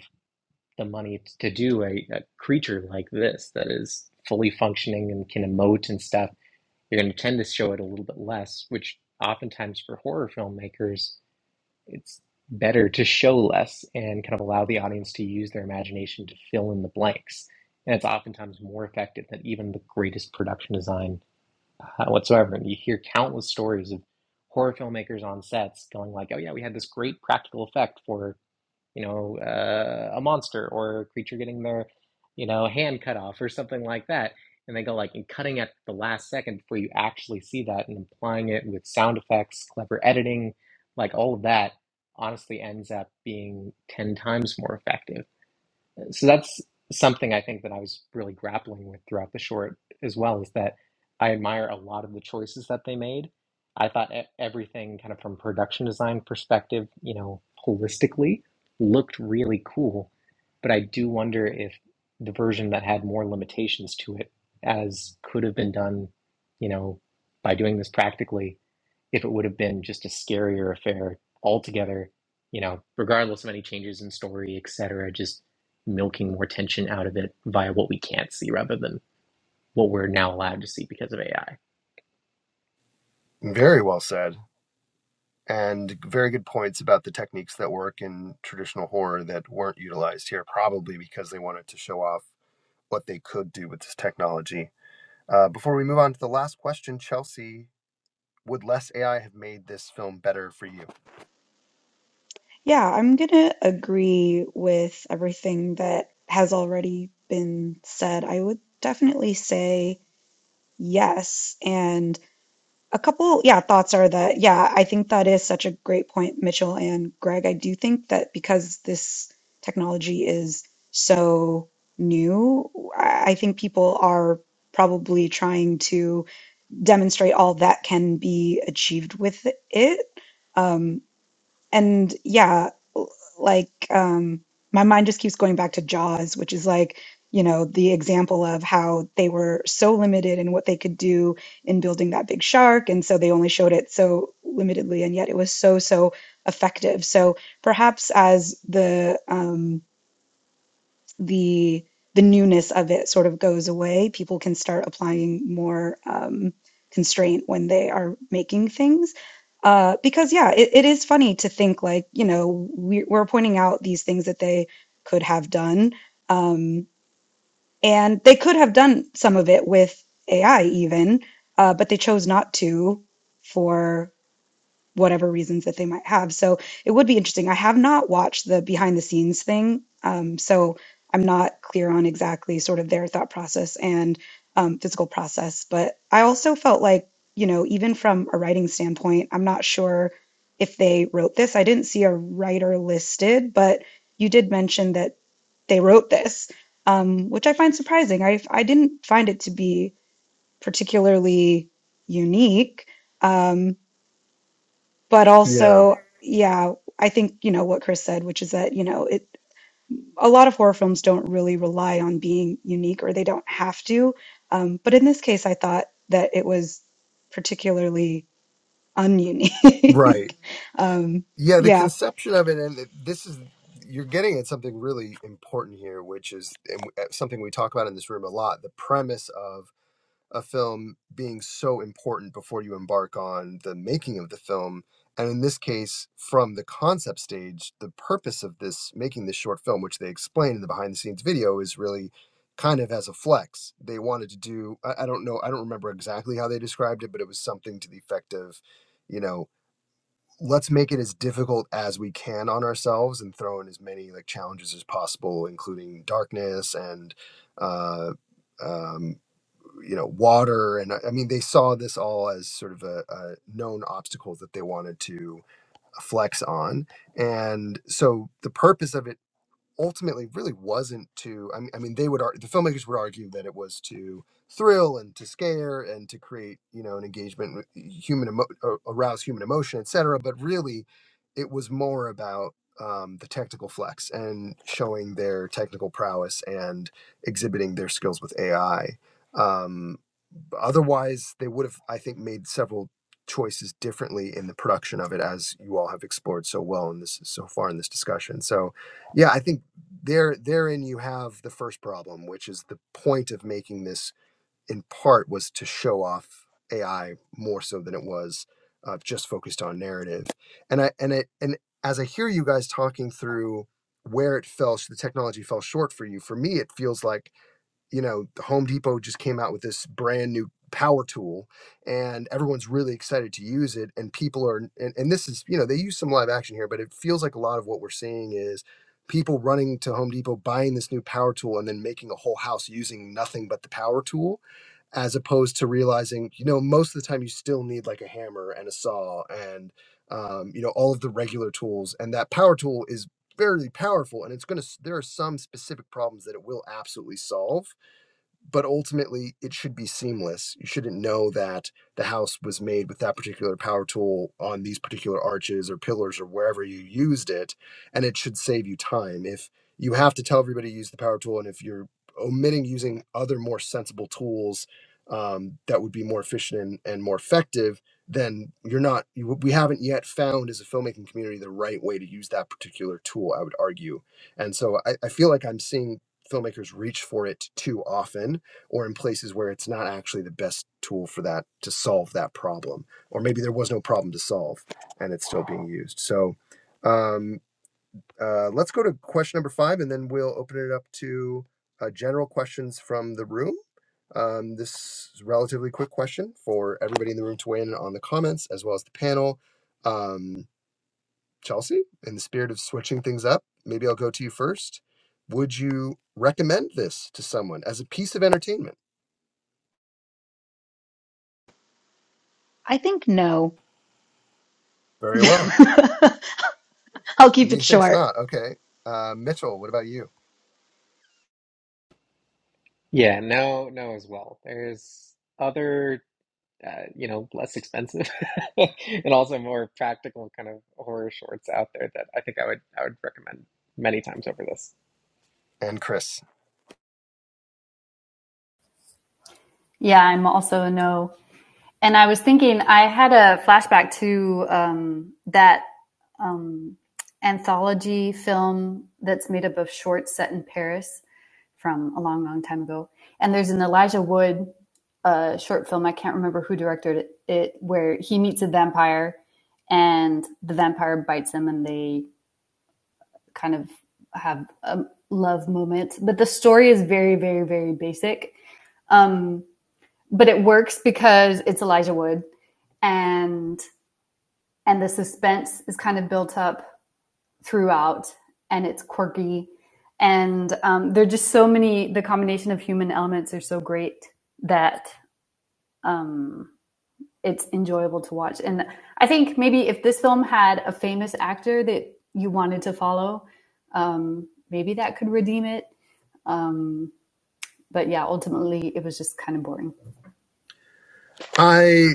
Speaker 1: the money to do a, a creature like this that is fully functioning and can emote and stuff, you're going to tend to show it a little bit less, which oftentimes for horror filmmakers, it's better to show less and kind of allow the audience to use their imagination to fill in the blanks. And it's oftentimes more effective than even the greatest production design uh, whatsoever. And you hear countless stories of horror filmmakers on sets going like, "Oh yeah, we had this great practical effect for." you know, uh, a monster or a creature getting their, you know, hand cut off or something like that. And they go like and cutting at the last second before you actually see that and applying it with sound effects, clever editing, like all of that honestly ends up being 10 times more effective so that's something I think that I was really grappling with throughout the short as well is that I admire a lot of the choices that they made. I thought e- everything kind of from production design perspective, you know, holistically looked really cool, but I do wonder if the version that had more limitations to it as could have been done, you know, by doing this practically if it would have been just a scarier affair altogether, you know, regardless of any changes in story, etc., just milking more tension out of it via what we can't see rather than what we're now allowed to see because of AI.
Speaker 2: Very well said. And very good points about the techniques that work in traditional horror that weren't utilized here, probably because they wanted to show off what they could do with this technology. Uh, before we move on to the last question, Chelsea, would less AI have made this film better for you?
Speaker 4: Yeah, I'm gonna agree with everything that has already been said. I would definitely say yes. And a couple, yeah, thoughts are that, yeah, I think that is such a great point, Mitchell and Greg. I do think that because this technology is so new, I I think people are probably trying to demonstrate all that can be achieved with it. Um, and yeah l- like um my mind just keeps going back to jaws which is like you know the example of how they were so limited in what they could do in building that big shark and so they only showed it so limitedly and yet it was so so effective so perhaps as the um the the newness of it sort of goes away. People can start applying more um, constraint when they are making things. Uh, because yeah, it, it is funny to think like, you know, we, we're pointing out these things that they could have done. Um, and they could have done some of it with AI even, uh, but they chose not to for whatever reasons that they might have. So it would be interesting. I have not watched the behind the scenes thing, um, so I'm not clear on exactly sort of their thought process and um, physical process. But I also felt like, you know, even from a writing standpoint, I'm not sure if they wrote this. I didn't see a writer listed, but you did mention that they wrote this, um, which I find surprising. I I didn't find it to be particularly unique. Um, but
Speaker 2: Yeah,
Speaker 4: also yeah i think you know what chris said which is that you know it a lot of horror films don't really rely on being unique or they don't have to um, but in this case i thought that it was particularly
Speaker 2: right.
Speaker 4: ununique um,
Speaker 2: Yeah, the
Speaker 4: yeah
Speaker 2: conception of it, and this is you're getting at something really important here, which is and something we talk about in this room a lot. The premise of a film being so important before you embark on the making of the film. And in this case, from the concept stage, the purpose of this making this short film, which they explain in the behind the scenes video, is really kind of as a flex. They wanted to do, I, I don't know, I don't remember exactly how they described it, but it was something to the effect of, you know, let's make it as difficult as we can on ourselves and throw in as many like challenges as possible, including darkness and, uh, um, you know water and i I mean they saw this all as sort of a, a known obstacle that they wanted to flex on and so the purpose of it ultimately really wasn't to i mean, I mean they would ar- the filmmakers would argue that it was to thrill and to scare and to create you know an engagement with human emo- uh, arouse human emotion etc but really it was more about um, the technical flex and showing their technical prowess and exhibiting their skills with ai otherwise they would have i think made several choices differently in the production of it as you all have explored so well in this so far in this discussion so yeah i think there therein you have the first problem which is the point of making this in part was to show off ai more so than it was uh, just focused on narrative and i and it and as i hear you guys talking through where it fell the technology fell short for you for me it feels like you know, the Home Depot just came out with this brand new power tool and everyone's really excited to use it. And people are, and, and this is, you know, they use some live action here, but it feels like a lot of what we're seeing is people running to Home Depot, buying this new power tool, and then making a whole house using nothing but the power tool as opposed to realizing, you know, most of the time you still need like a hammer and a saw and, um, you know, all of the regular tools. And that power tool is fairly powerful and it's going to, there are some specific problems that it will absolutely solve but ultimately it should be seamless. You shouldn't know that the house was made with that particular power tool on these particular arches or pillars or wherever you used it, and it should save you time. If you have to tell everybody to use the power tool, and if you're omitting using other more sensible tools um, that would be more efficient and, and more effective, then you're not. You, we haven't yet found as a filmmaking community the right way to use that particular tool. I would argue, and so I, I feel like I'm seeing filmmakers reach for it too often or in places where it's not actually the best tool for that to solve that problem or maybe there was no problem to solve and it's still being used so um, uh, let's go to question number five and then we'll open it up to uh, general questions from the room um, this is a relatively quick question for everybody in the room to weigh in on the comments as well as the panel um, Chelsea, in the spirit of switching things up, maybe I'll go to you first. Would you recommend this to someone as a piece of entertainment?
Speaker 4: i think no
Speaker 2: Very well.
Speaker 4: i'll keep it
Speaker 2: Methinks
Speaker 4: short
Speaker 2: not. Okay. Uh, Mitchell, what about you?
Speaker 1: Yeah, no, no, as well. There's other, uh, you know, less expensive and also more practical kind of horror shorts out there that I think I would I would recommend many times over this.
Speaker 2: And Chris.
Speaker 3: Yeah, I'm also a no. And I was thinking, I had a flashback to um, that um, anthology film that's made up of shorts set in Paris from a long, long time ago. And there's an Elijah Wood uh, short film. I can't remember who directed it, it, where he meets a vampire and the vampire bites him and they kind of have a love moment. But the story is very, very, very basic. Um, but it works because it's Elijah Wood and and the suspense is kind of built up throughout and it's quirky and um, there are just so many the combination of human elements are so great that um, it's enjoyable to watch and i think maybe if this film had a famous actor that you wanted to follow um, maybe that could redeem it um, but yeah ultimately it was just kind of boring
Speaker 2: I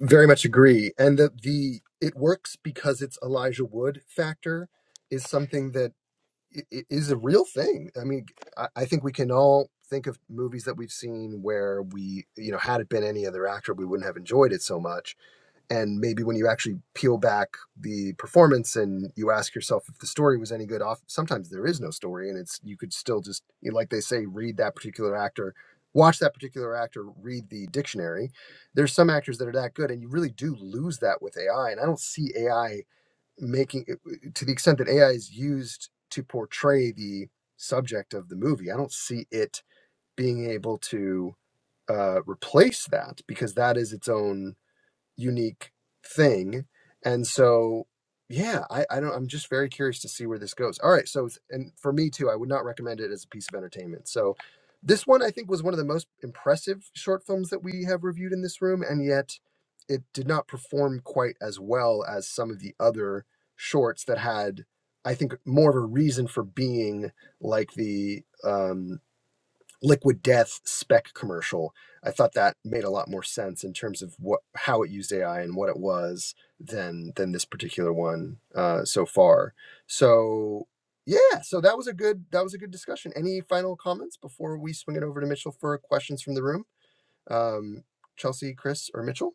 Speaker 2: very much agree. And the, the it works because it's Elijah Wood factor is something that i- i- is a real thing. I mean, I, I think we can all think of movies that we've seen where we, you know, had it been any other actor, we wouldn't have enjoyed it so much and maybe when you actually peel back the performance and you ask yourself if the story was any good off sometimes there is no story and it's you could still just you know, like they say read that particular actor watch that particular actor read the dictionary there's some actors that are that good and you really do lose that with ai and i don't see ai making uh, uh, to the extent that ai is used to portray the subject of the movie i don't see it being able to uh, replace that because that is its own unique thing. And so, yeah, I, I don't, I'm just very curious to see where this goes. All right. So, and for me too, I would not recommend it as a piece of entertainment. So, this one I think was one of the most impressive short films that we have reviewed in this room. And yet, it did not perform quite as well as some of the other shorts that had, I think, more of a reason for being like the, um, liquid death spec commercial i thought that made a lot more sense in terms of what how it used ai and what it was than than this particular one uh so far so yeah so that was a good that was a good discussion any final comments before we swing it over to mitchell for questions from the room um chelsea chris or mitchell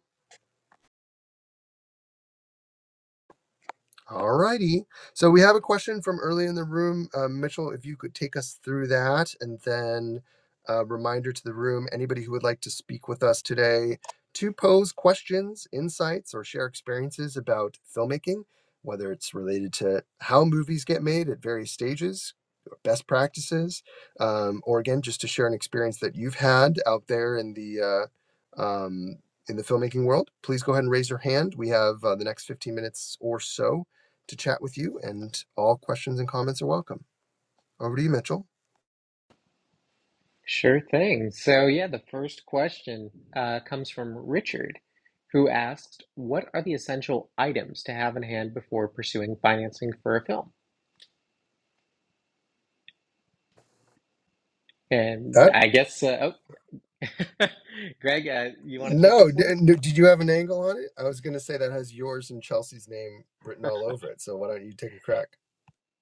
Speaker 2: All righty. So we have a question from early in the room. Uh, Mitchell, if you could take us through that, and then a reminder to the room anybody who would like to speak with us today to pose questions, insights, or share experiences about filmmaking, whether it's related to how movies get made at various stages, best practices, um, or again, just to share an experience that you've had out there in the uh, um, in the filmmaking world, please go ahead and raise your hand. We have uh, the next 15 minutes or so to chat with you, and all questions and comments are welcome. Over to you, Mitchell.
Speaker 1: Sure thing. So, yeah, the first question uh, comes from Richard, who asked, What are the essential items to have in hand before pursuing financing for a film? And
Speaker 2: That
Speaker 1: I guess, uh, oh, Greg, uh, you want to take
Speaker 2: No,
Speaker 1: this
Speaker 2: d-
Speaker 1: one?
Speaker 2: n- did you have an angle on it? I was going to say that has yours and Chelsea's name written all over it. So why don't you take a crack?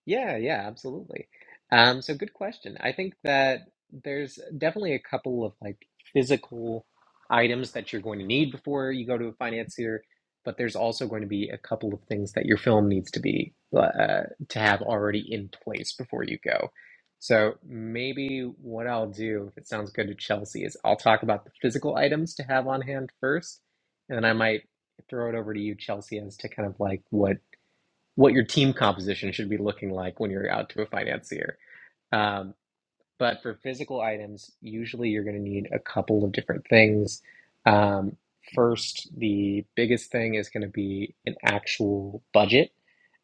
Speaker 1: Yeah, yeah, absolutely. Um, so good question. I think that there's definitely a couple of like physical items that you're going to need before you go to a financier, but there's also going to be a couple of things that your film needs to be uh, uh, to have already in place before you go. So maybe what I'll do, if it sounds good to Chelsea, is I'll talk about the physical items to have on hand first, and then I might throw it over to you, Chelsea, as to kind of like what what your team composition should be looking like when you're out to a financier. Um, but for physical items, usually you're going to need a couple of different things. Um, first, the biggest thing is going to be an actual budget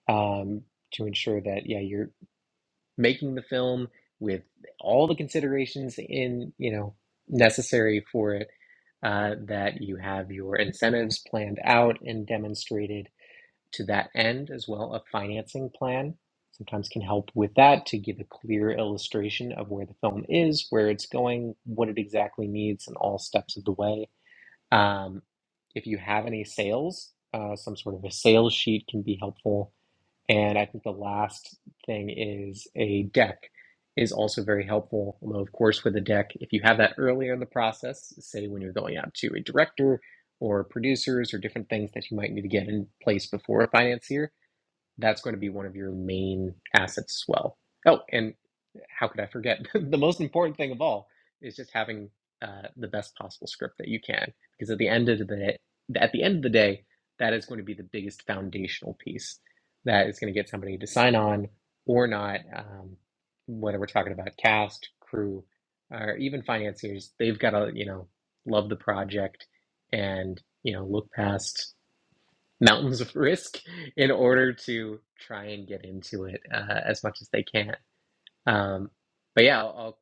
Speaker 1: um, to ensure that yeah you're making the film with all the considerations in you know necessary for it. Uh, that you have your incentives planned out and demonstrated to that end as well a financing plan sometimes can help with that to give a clear illustration of where the film is where it's going what it exactly needs and all steps of the way um, if you have any sales uh, some sort of a sales sheet can be helpful and I think the last thing is a deck is also very helpful. Although, of course, with a deck, if you have that earlier in the process, say when you're going out to a director or producers or different things that you might need to get in place before a financier, that's going to be one of your main assets as well. Oh, and how could I forget? the most important thing of all is just having uh, the best possible script that you can, because at the end of the day, at the end of the day, that is going to be the biggest foundational piece that is going to get somebody to sign on or not. Um, whether we're talking about cast, crew, or even financiers, they've got to you know love the project and you know look past mountains of risk in order to try and get into it uh, as much as they can um, but yeah, I'll, I'll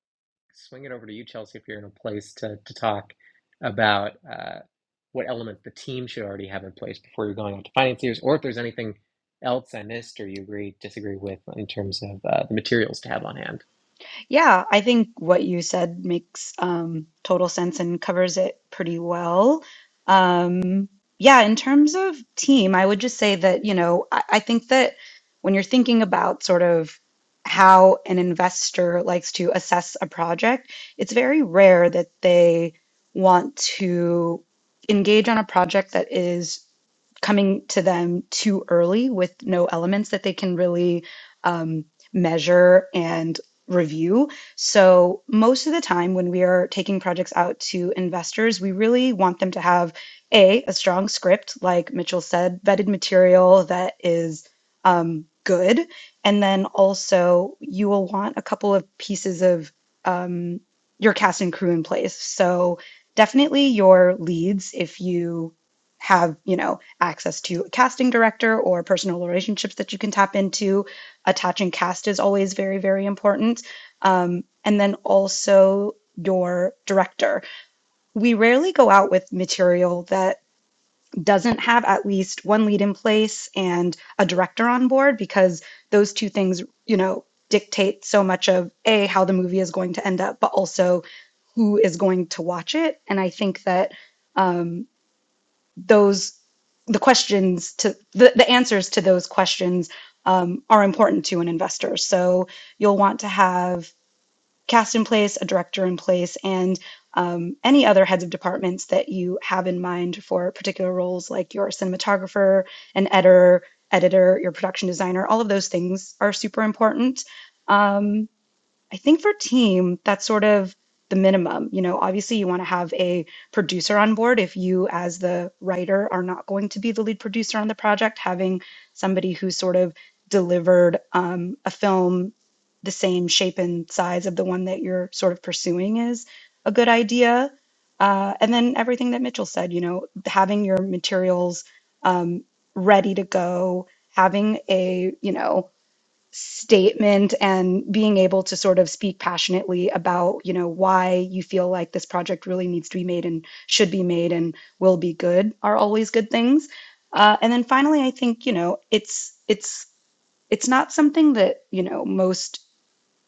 Speaker 1: swing it over to you, Chelsea, if you're in a place to, to talk about uh, what elements the team should already have in place before you're going out to financiers, or if there's anything else I missed or you agree, disagree with in terms of uh, the materials to have on hand.
Speaker 4: Yeah, I think what you said makes um, total sense and covers it pretty well. Um, yeah, in terms of team, I would just say that, you know, I, I think that when you're thinking about sort of how an investor likes to assess a project, it's very rare that they want to engage on a project that is coming to them too early with no elements that they can really um, measure and review. So, most of the time when we are taking projects out to investors, we really want them to have a a strong script, like Mitchell said, vetted material that is um, good, and then also you will want a couple of pieces of um, your cast and crew in place. So definitely your leads if you have you know access to a casting director or personal relationships that you can tap into. Attaching cast is always very, very important. Um, and then also your director. We rarely go out with material that doesn't have at least one lead in place and a director on board because those two things, you know, dictate so much of A, how the movie is going to end up, but also who is going to watch it. And I think that um, those the questions to the, the answers to those questions um, are important to an investor so you'll want to have cast in place a director in place and um, any other heads of departments that you have in mind for particular roles like your cinematographer an editor editor your production designer all of those things are super important Um, I think for team, that's sort of the minimum. You know, obviously you want to have a producer on board. If you, as the writer, are not going to be the lead producer on the project, having somebody who sort of delivered um, a film the same shape and size of the one that you're sort of pursuing is a good idea. Uh, and then everything that Mitchell said, you know, having your materials um, ready to go, having a, you know, statement and being able to sort of speak passionately about you know why you feel like this project really needs to be made and should be made and will be good are always good things uh, and then finally i think you know it's it's it's not something that you know most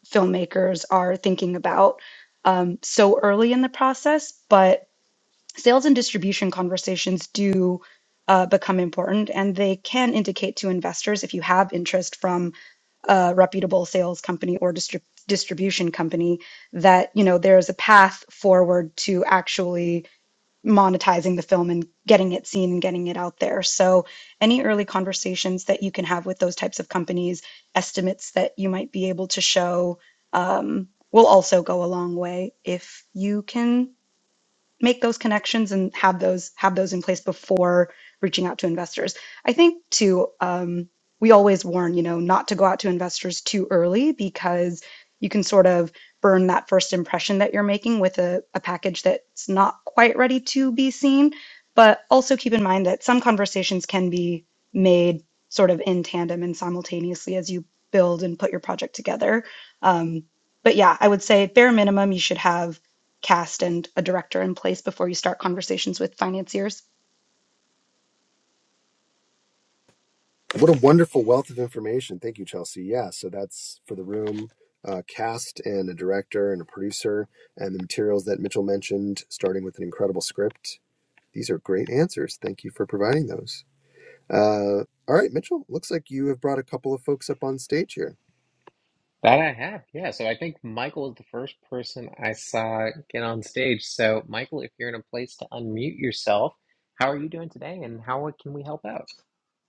Speaker 4: filmmakers are thinking about um, so early in the process but sales and distribution conversations do uh, become important and they can indicate to investors if you have interest from uh, reputable sales company or distrib- distribution company that you know there's a path forward to actually monetizing the film and getting it seen and getting it out there so any early conversations that you can have with those types of companies estimates that you might be able to show um, will also go a long way if you can make those connections and have those have those in place before reaching out to investors. I think too, um, we always warn you know not to go out to investors too early because you can sort of burn that first impression that you're making with a, a package that's not quite ready to be seen. But also keep in mind that some conversations can be made sort of in tandem and simultaneously as you build and put your project together. Um, but yeah, I would say bare minimum you should have cast and a director in place before you start conversations with financiers?
Speaker 2: what a wonderful wealth of information. Thank you, Chelsea. Yeah, so that's for the room, uh, cast and a director and a producer, and the materials that Mitchell mentioned, starting with an incredible script. These are great answers. Thank you for providing those. Uh, all right, Mitchell. Looks like you have brought a couple of folks up on stage here.
Speaker 1: That I have, yeah. So I think Michael is the first person I saw get on stage. So, Michael, if you're in a place to unmute yourself, how are you doing today and how can we help out?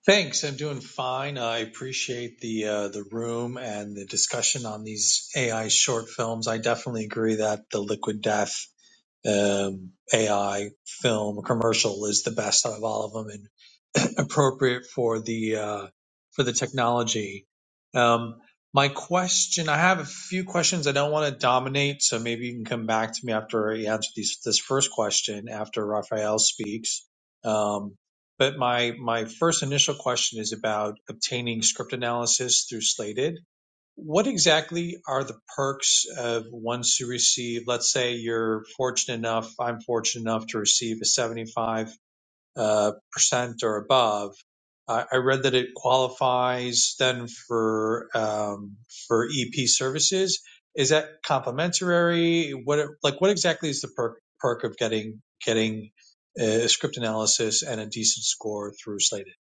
Speaker 5: Thanks. I'm doing fine. I appreciate the uh, the room and the discussion on these AI short films. I definitely agree that the Liquid Death um, AI film commercial is the best out of all of them, appropriate for the uh, for the technology. Um, my question, I have a few questions. I don't want to dominate, so maybe you can come back to me after I answer these, this first question after Raphael speaks. Um, but my my first initial question is about obtaining script analysis through Slated. What exactly are the perks of once you receive? Let's say you're fortunate enough. I'm fortunate enough to receive a 75 uh, percent or above. I I read that it qualifies then for um, for EP services. Is that complimentary? What like what exactly is the perk perk of getting getting a script analysis and a decent score through Slated?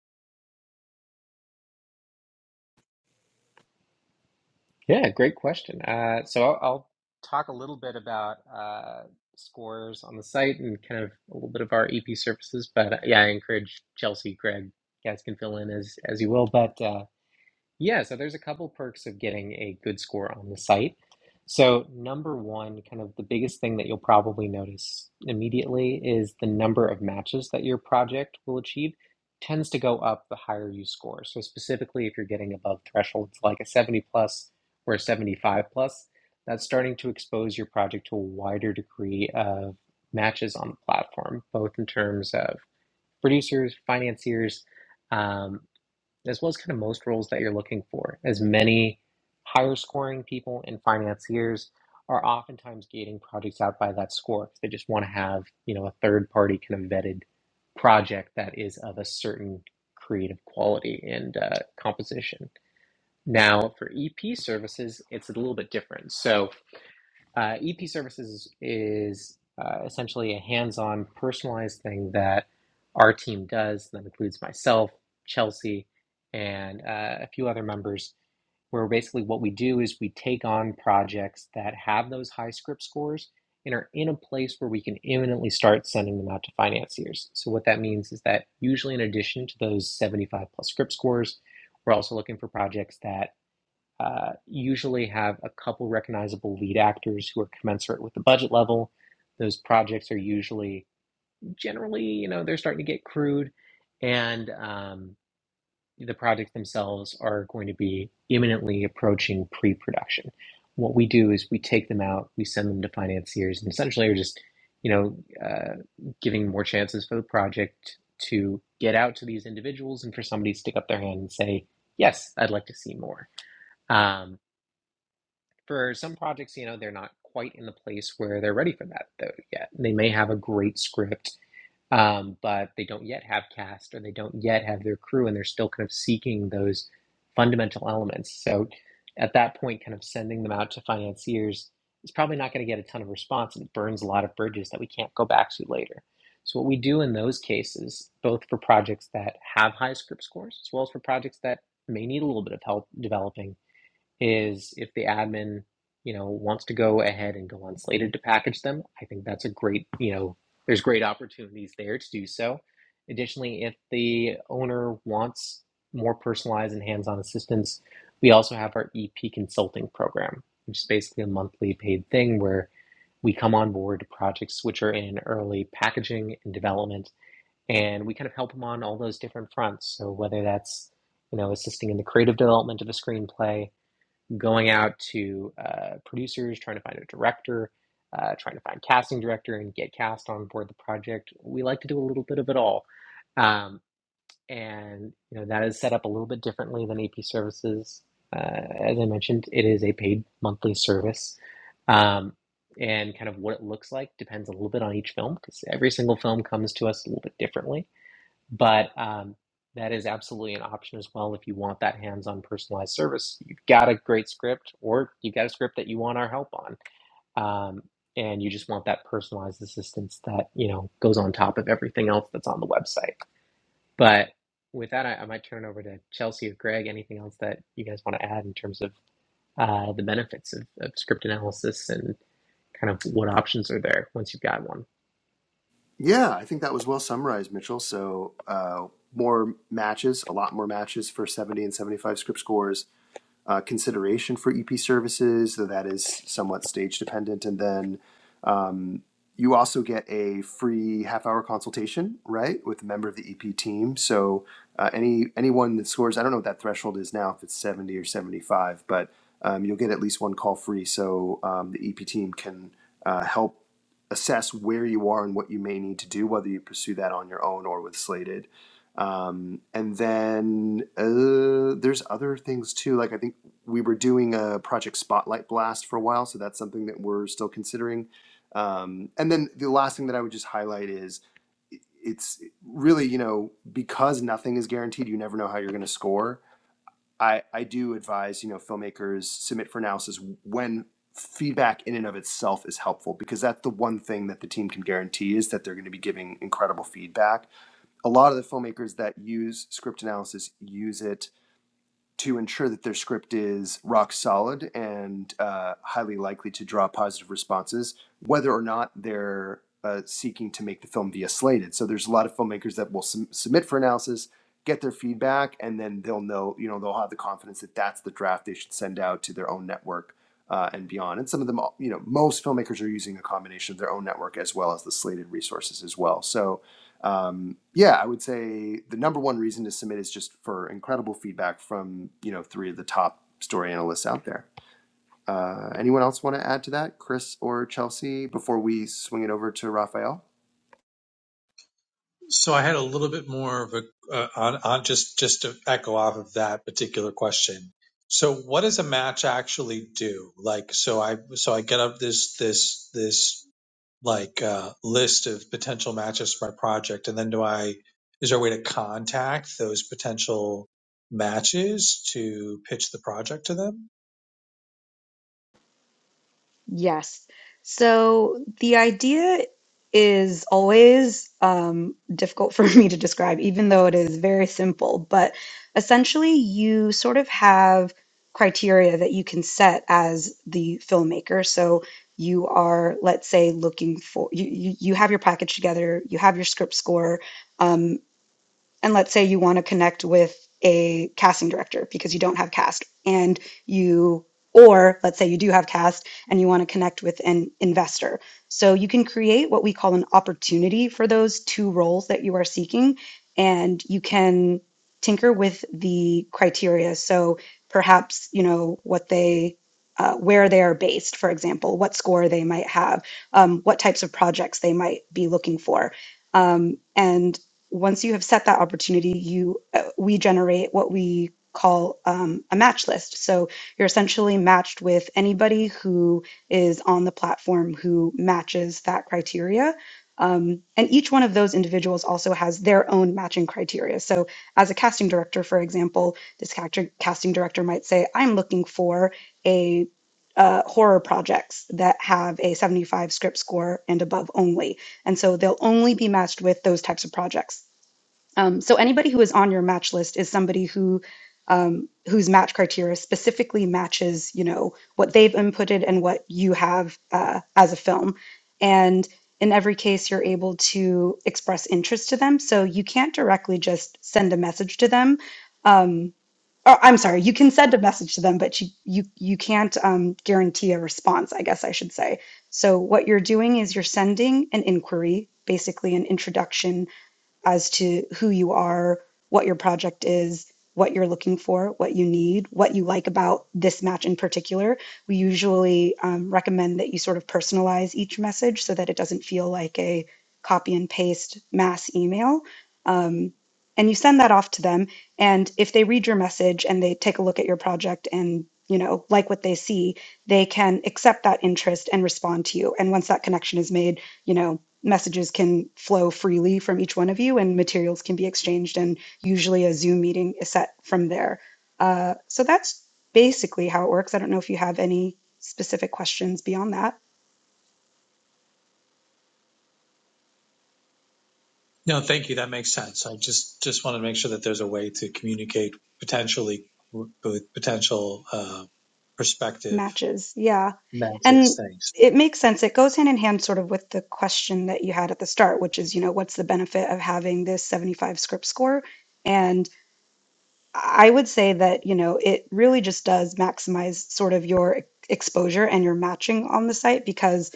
Speaker 1: Yeah, great question. Uh, so, I'll, I'll talk a little bit about uh, scores on the site and kind of a little bit of our EP services. But uh, yeah, I encourage Chelsea, Greg, you guys can fill in as, as you will. But uh, Yeah, so there's a couple perks of getting a good score on the site. So, number one, kind of the biggest thing that you'll probably notice immediately is the number of matches that your project will achieve tends to go up the higher you score. So, specifically, if you're getting above thresholds like a 70 plus or a 75 plus, that's starting to expose your project to a wider degree of matches on the platform, both in terms of producers, financiers, um, as well as kind of most roles that you're looking for, as many higher scoring people and financiers are oftentimes gating projects out by that score. They just want to have, you know, a third party kind of vetted project that is of a certain creative quality and uh, composition. Now, for EP services, it's a little bit different. So, uh, EP services is uh, essentially a hands-on, personalized thing that our team does. That includes myself, Chelsea, and uh, a few other members. Where basically what we do is we take on projects that have those high script scores and are in a place where we can imminently start sending them out to financiers. So what that means is that usually in addition to those 75 plus script scores, we're also looking for projects that uh, usually have a couple recognizable lead actors who are commensurate with the budget level. Those projects are usually generally, you know, they're starting to get crude, and um, the projects themselves are going to be imminently approaching pre production. What we do is we take them out, we send them to financiers, and essentially are just, you know, uh, giving more chances for the project to get out to these individuals and for somebody to stick up their hand and say, Yes, I'd like to see more. Um, for some projects, you know, they're not quite in the place where they're ready for that though yet. They may have a great script, um, but they don't yet have cast or they don't yet have their crew, and they're still kind of seeking those fundamental elements. So at that point, kind of sending them out to financiers is probably not going to get a ton of response, and it burns a lot of bridges that we can't go back to later. So what we do in those cases, both for projects that have high script scores as well as for projects that may need a little bit of help developing is if the admin, you know, wants to go ahead and go on Slated to package them, I think that's a great, you know, there's great opportunities there to do so. Additionally, if the owner wants more personalized and hands-on assistance, we also have our EP consulting program, which is basically a monthly paid thing where we come on board to projects which are in early packaging and development, and we kind of help them on all those different fronts. So whether that's, you know, assisting in the creative development of a screenplay, going out to uh, producers, trying to find a director, uh, trying to find casting director, and get cast on board the project. We like to do a little bit of it all, um, and you know that is set up a little bit differently than AP services. Uh, as I mentioned, it is a paid monthly service, um, and kind of what it looks like depends a little bit on each film because every single film comes to us a little bit differently but um, that is absolutely an option as well if you want that hands-on personalized service. You've got a great script, or you've got a script that you want our help on, um, and you just want that personalized assistance that you know goes on top of everything else that's on the website. But with that, I, I might turn over to Chelsea or Greg. Anything else that you guys want to add in terms of uh, the benefits of, of script analysis and kind of what options are there once you've got one?
Speaker 2: Yeah, I think that was well summarized, Mitchell. So, uh, more matches, a lot more matches for 70 and 75 script scores uh, consideration for EP services, though that is somewhat stage dependent. And then um, you also get a free half hour consultation, right, with a member of the EP team. So uh, any anyone that scores, I don't know what that threshold is now, if it's 70 or 75, but um, you'll get at least one call free. So um, the EP team can uh, help assess where you are and what you may need to do, whether you pursue that on your own or with Slated. Um, and then uh, there's other things too. Like I think we were doing a project spotlight blast for a while, so that's something that we're still considering. Um, and then the last thing that I would just highlight is it's really you know because nothing is guaranteed, you never know how you're going to score. I I do advise you know filmmakers submit for analysis when feedback in and of itself is helpful because that's the one thing that the team can guarantee is that they're going to be giving incredible feedback. A lot of the filmmakers that use script analysis use it to ensure that their script is rock solid and uh, highly likely to draw positive responses, whether or not they're uh, seeking to make the film via slated. So there's a lot of filmmakers that will sum- submit for analysis, get their feedback, and then they'll know, you know, they'll have the confidence that that's the draft they should send out to their own network uh, and beyond. And some of them, you know, most filmmakers are using a combination of their own network as well as the slated resources as well. So um, yeah, I would say the number one reason to submit is just for incredible feedback from you know three of the top story analysts out there. Uh, anyone else want to add to that, Chris or Chelsea, before we swing it over to Raphael?
Speaker 5: So I had a little bit more of a uh, on, on just just to echo off of that particular question. So what does a match actually do? Like so I so I get up this this this like uh, list of potential matches for my project, and then do I is there a way to contact those potential matches to pitch the project to them?
Speaker 4: Yes. So the idea is always um, difficult for me to describe, even though it is very simple. But essentially, you sort of have criteria that you can set as the filmmaker. So you are, let's say, looking for you. You, you have your package together. You have your script score. um, and let's say you want to connect with a casting director because you don't have cast and you or let's say you do have cast and you want to connect with an investor so you can create what we call an opportunity for those two roles that you are seeking and you can tinker with the criteria so perhaps you know what they uh, where they are based for example what score they might have um, what types of projects they might be looking for um, and once you have set that opportunity, you uh, we generate what we call um, a match list. So you're essentially matched with anybody who is on the platform who matches that criteria. Um, and each one of those individuals also has their own matching criteria. So, as a casting director, for example, this character, casting director might say, "I'm looking for a uh, horror projects that have a 75 script score and above only." And so they'll only be matched with those types of projects. Um, so anybody who is on your match list is somebody who um, whose match criteria specifically matches, you know, what they've inputted and what you have uh, as a film. And in every case, you're able to express interest to them. So you can't directly just send a message to them. Um, Oh, I'm sorry. You can send a message to them, but you you you can't um, guarantee a response. I guess I should say. So what you're doing is you're sending an inquiry, basically an introduction as to who you are, what your project is, what you're looking for, what you need, what you like about this match in particular. We usually um, recommend that you sort of personalize each message so that it doesn't feel like a copy and paste mass email. Um, and you send that off to them. And if they read your message and they take a look at your project and you know like what they see they can accept that interest and respond to you and once that connection is made you know messages can flow freely from each one of you and materials can be exchanged and usually a zoom meeting is set from there uh, so that's basically how it works i don't know if you have any specific questions beyond that
Speaker 5: No, thank you. That makes sense. I just just wanted to make sure that there's a way to communicate potentially with potential uh, prospective
Speaker 4: matches yeah
Speaker 5: matches.
Speaker 4: and
Speaker 5: Thanks.
Speaker 4: it makes sense it goes hand in hand sort of with the question that you had at the start which is you know what's the benefit of having this 75 script score I would say that, you know, it really just does maximize sort of your e-, exposure and your matching on the site because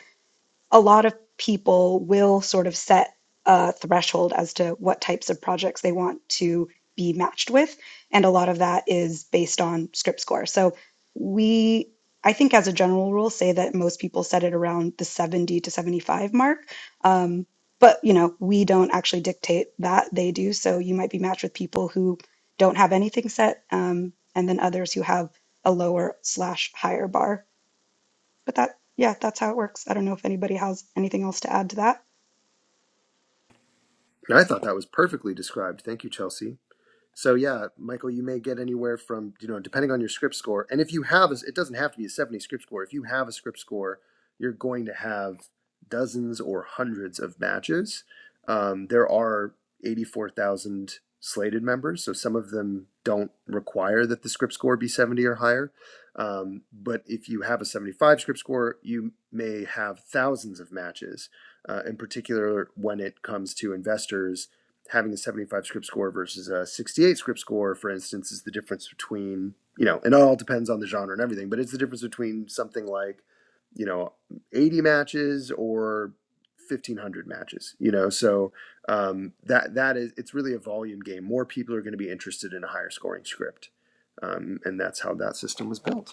Speaker 4: a lot of people will sort of set a threshold as to what types of projects they want to be matched with. And a lot of that is based on script score. So we, I think, as a general rule, say that most people set it around the 70 to 75 mark. Um, but you know we don't actually dictate that they do so you might be matched with people who don't have anything set um, and then others who have a lower slash higher bar but that, yeah, that's how it works. I don't know if anybody has anything else to add to that.
Speaker 2: I thought that was perfectly described. Thank you, Chelsea. So yeah, Michael, you may get anywhere from you know depending on your script score, and if you have a, it doesn't have to be a seventy script score. If you have a script score, you're going to have dozens or hundreds of matches. Um, there are eighty four thousand slated members, so some of them don't require that the script score be seventy or higher. Um, but if you have a seventy five script score, you may have thousands of matches. Uh, in particular, when it comes to investors having a 75 script score versus a 68 script score, for instance, is the difference between, you know, and it all depends on the genre and everything, but it's the difference between something like, you know, 80 matches or 1500 matches, you know? So um, that, that is, it's really a volume game. More people are going to be interested in a higher scoring script. Um, and that's how that system was built.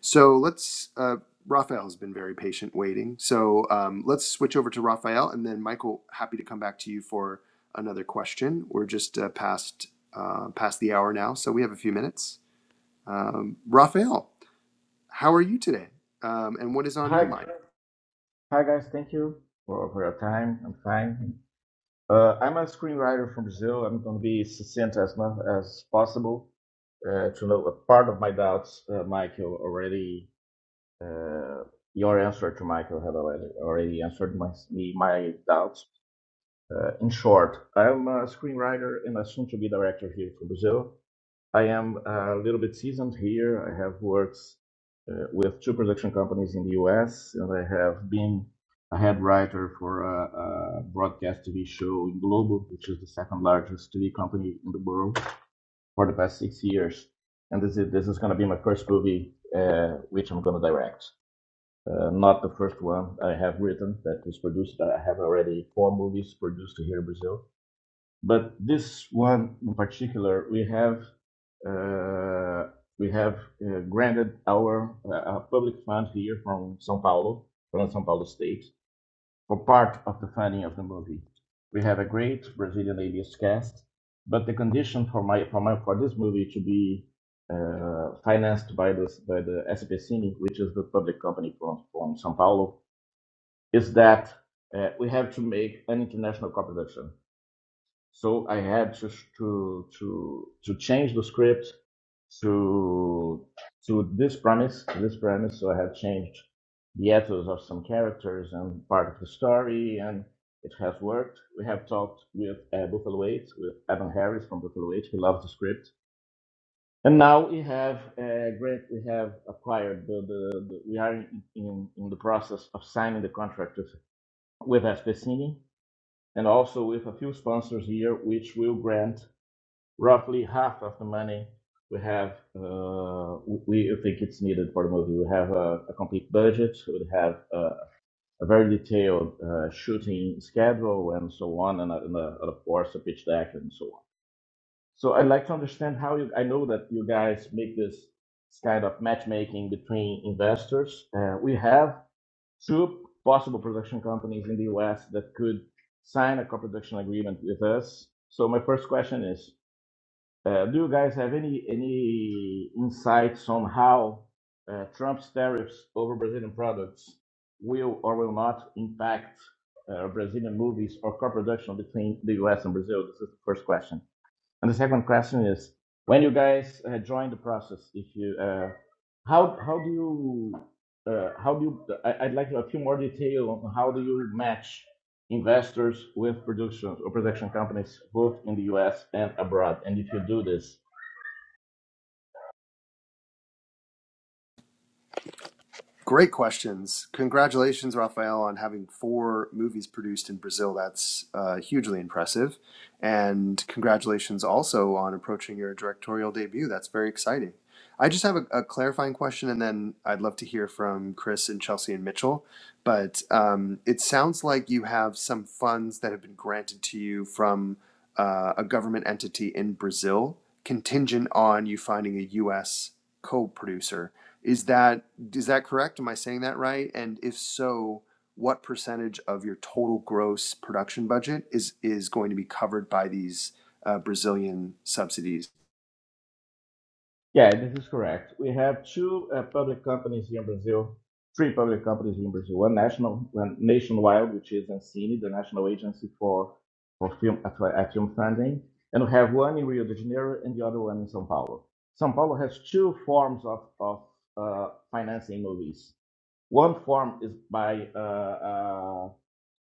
Speaker 2: So let's. Uh, Raphael has been very patient waiting. So um, let's switch over to Raphael, and then Michael. Happy to come back to you for another question. We're just uh, past uh, past the hour now, so we have a few minutes. Um, Raphael, how are you today? Um, and what is on your
Speaker 6: Hi,
Speaker 2: mind?
Speaker 6: hi guys. Thank you for, for your time. I'm fine. Uh, I'm a screenwriter from Brazil. I'm going to be succinct as much as possible. Uh, to know a part of my doubts, uh, Michael already. Uh, your answer to Michael had already already answered my me- my doubts. Uh, in short, I'm a screenwriter and a soon-to-be director here from Brazil. I am uh, a little bit seasoned here. I have worked uh, with two production companies in the US, and I have been a head writer for a, a broadcast TV show in Globo, which is the second largest TV company in the world, for the past six years. And this is, this is going to be my first movie, uh, which I'm going to direct. Uh, not the first one I have written that was produced. I have already four movies produced here in Brazil but this one in particular, we have uh, we have uh, granted our uh, public fund here from São Paulo, from São Paulo State, for part of the funding of the movie. We have a great Brazilian alias cast, but the condition for my for my for this movie to be uh, financed by this by the SP Ciné, which is the public company from from São Paulo, is that uh, we have to make an international co-production so I had to to to to change the script to to this premise, to this premise. So I had changed the ethos of some characters and part of the story, and it has worked. We have talked with uh, Buffalo Eight, with Evan Harris from Buffalo Eight. He loves the script, and now we have uh, great. We have acquired the, the, the we are in, in in the process of signing the contract with with Espesini and also with a few sponsors here, which will grant roughly half of the money we have, uh, we think it's needed for the movie. We have a, a complete budget, we would have a, a very detailed uh, shooting schedule and so on, and, and, a, and of course a pitch deck and so on. So I'd like to understand how you, I know that you guys make this kind of matchmaking between investors. Uh, we have two possible production companies in the US that could sign a co-production agreement with us. So my first question is, uh, do you guys have any any insights on how uh, Trump's tariffs over Brazilian products will or will not impact uh, Brazilian movies or co-production between the U.S. and Brazil? This is the first question. And the second question is, when you guys uh, join the process, if you, uh, how how do you, uh, how do you? I, I'd like a few more detail on how do you match investors with production or production companies both in the U.S. and abroad, and if you do this,
Speaker 2: Great questions. Congratulations, Raphael, on having four movies produced in Brazil. That's uh, hugely impressive. And congratulations also on approaching your directorial debut. That's very exciting. I just have a, a clarifying question, and then I'd love to hear from Chris and Chelsea and Mitchell. But um, it sounds like you have some funds that have been granted to you from uh, a government entity in Brazil, contingent on you finding a U.S. co-producer. Is that is that correct? Am I saying that right? And if so, what percentage of your total gross production budget is is going to be covered by these uh, Brazilian subsidies?
Speaker 6: Yeah, this is correct. We have two uh, public companies here in Brazil, three public companies here in Brazil. One national, one nationwide, which is Ancine, the national agency for for film uh, for, uh, film funding, and we have one in Rio de Janeiro and the other one in São Paulo. São Paulo has two forms of of uh, financing movies. One form is by uh, uh,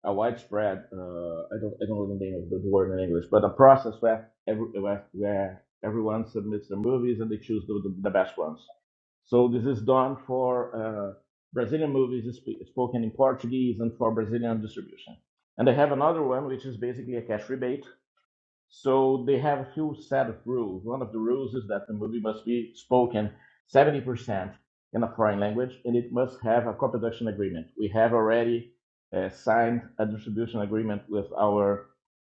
Speaker 6: a widespread uh, I don't I don't know the name of the word in English, but a process where every where, where everyone submits their movies and they choose the, the, the best ones. So this is done for uh, Brazilian movies sp- spoken in Portuguese and for Brazilian distribution. And they have another one which is basically a cash rebate so they have a few set of rules. One of the rules is that the movie must be spoken 70% in a foreign language and it must have a co-production agreement. We have already uh, signed a distribution agreement with our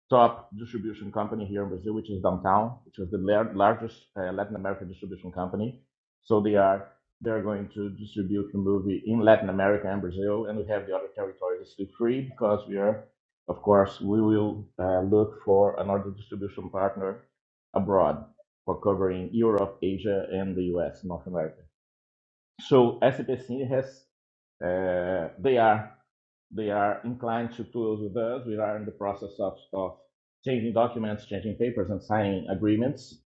Speaker 6: top distribution company here in Brazil, which is Downtown, which is the lar- largest uh, Latin American distribution company. So they are they are going to distribute the movie in Latin America and Brazil, and we have the other territories to free because we are of course, we will uh, look for another distribution partner abroad for covering Europe, Asia, and the U.S., North America. So SAPC has, uh, they are they are inclined to tools with us. We are in the process of of changing documents, changing papers, and signing agreements.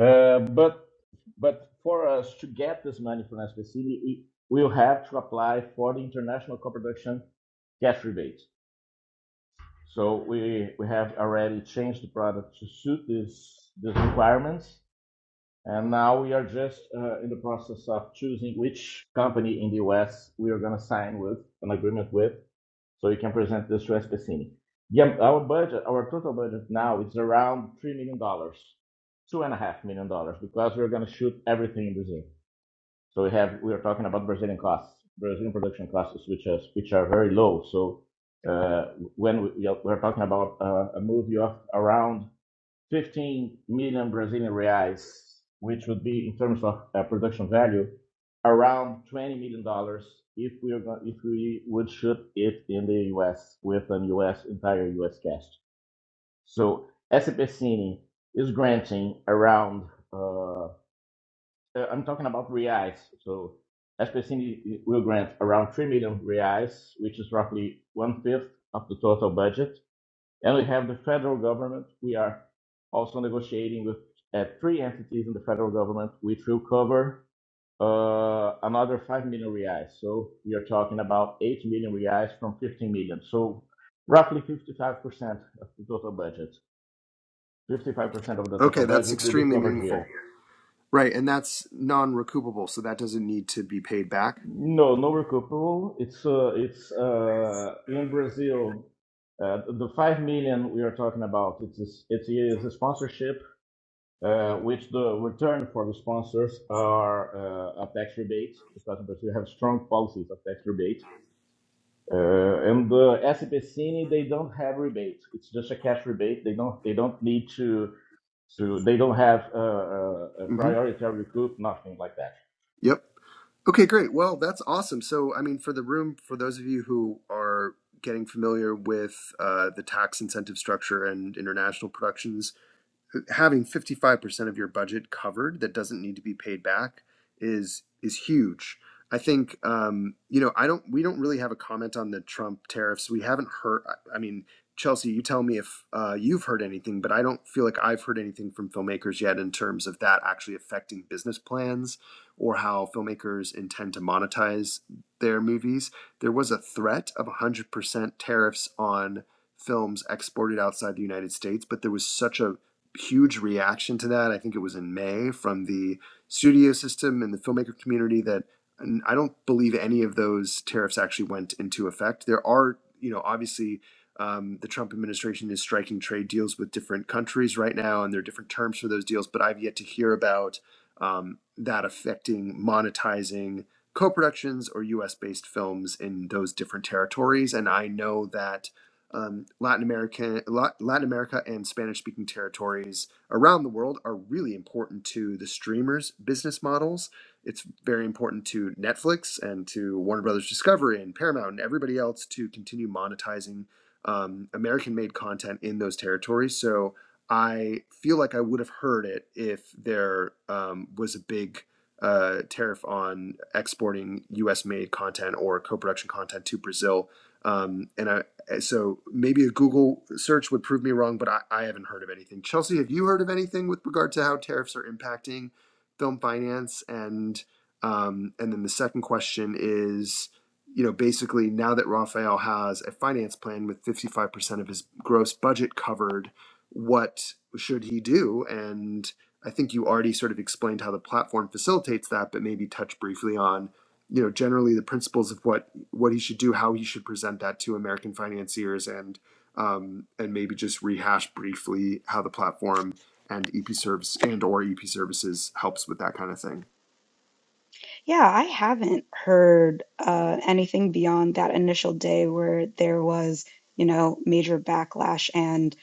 Speaker 6: Uh, But but for us to get this money from SAPC, we we will have to apply for the International Co-Production Cash Rebate. So we we have already changed the product to suit these these requirements, and now we are just uh, in the process of choosing which company in the U.S. we are going to sign with an agreement with, so we can present this to SPCine. Yeah, our budget, our total budget now is around three million dollars, two and a half million dollars, because we're going to shoot everything in Brazil. So we have we are talking about Brazilian costs, Brazilian production costs, which are which are very low. So uh, when we, we are talking about uh, a movie of around 15 million Brazilian reais, which would be in terms of uh, production value, around 20 million dollars if we are going, if we would shoot it in the U.S. with an U.S. entire U.S. cast. So SPCine is granting around Uh, uh, I'm talking about reais. So SPCN will grant around 3 million reais, which is roughly one-fifth of the total budget. And we have the federal government. We are also negotiating with uh, three entities in the federal government, which will cover uh, another 5 million reais. So we are talking about 8 million reais from 15 million. So roughly 55% of the total budget. 55% of the total
Speaker 2: Okay, that's
Speaker 6: budget will be
Speaker 2: extremely
Speaker 6: covered here.
Speaker 2: meaningful. Right, and that's non-recoupable, so that doesn't need to be paid back.
Speaker 6: No, no recoupable. It's uh, it's uh, in Brazil. Uh, the five million we are talking about. It's a, it is a sponsorship, uh, which the return for the sponsors are uh, a tax rebate because Brazil have strong policies of tax rebate. Uh, and the SPCine, they don't have rebate. It's just a cash rebate. They don't they don't need to to they don't have uh, uh, a
Speaker 2: hmm
Speaker 6: priority or recoup, nothing like that.
Speaker 2: Yep. Okay, great. Well, that's awesome. So, I mean, for the room, for those of you who are getting familiar with uh, the tax incentive structure and international productions, having 55% of your budget covered that doesn't need to be paid back is is huge. I think um, you know I don't we don't really have a comment on the Trump tariffs. We haven't heard. I mean, Chelsea, you tell me if uh, you've heard anything, but I don't feel like I've heard anything from filmmakers yet in terms of that actually affecting business plans or how filmmakers intend to monetize their movies. There was a threat of 100% tariffs on films exported outside the United States, but there was such a huge reaction to that. I think it was in May from the studio system and the filmmaker community that I don't believe any of those tariffs actually went into effect. There are, you know, obviously um, the Trump administration is striking trade deals with different countries right now, and there are different terms for those deals, but I've yet to hear about um, that affecting monetizing co productions or US based films in those different territories. And I know that um, Latin America, Latin America, and Spanish-speaking territories around the world are really important to the streamers' business models. It's very important to Netflix and to Warner Brothers Discovery and Paramount and everybody else to continue monetizing um, American-made content in those territories. So I feel like I would have heard it if there um, was a big uh, tariff on exporting U.S.-made content or co-production content to Brazil um, and I, uh, So maybe a Google search would prove me wrong, but I, I haven't heard of anything. Chelsea, have you heard of anything with regard to how tariffs are impacting film finance? And um, and then the second question is, you know, basically now that Raphael has a finance plan with 55% of his gross budget covered, what should he do? And I think you already sort of explained how the platform facilitates that, but maybe touch briefly on you know generally the principles of what what he should do, how he should present that to American financiers, and um, and maybe just rehash briefly how the platform and EP service and or EP services helps with that kind of thing.
Speaker 4: Yeah, I haven't heard uh, anything beyond that initial day where there was, you know, major backlash and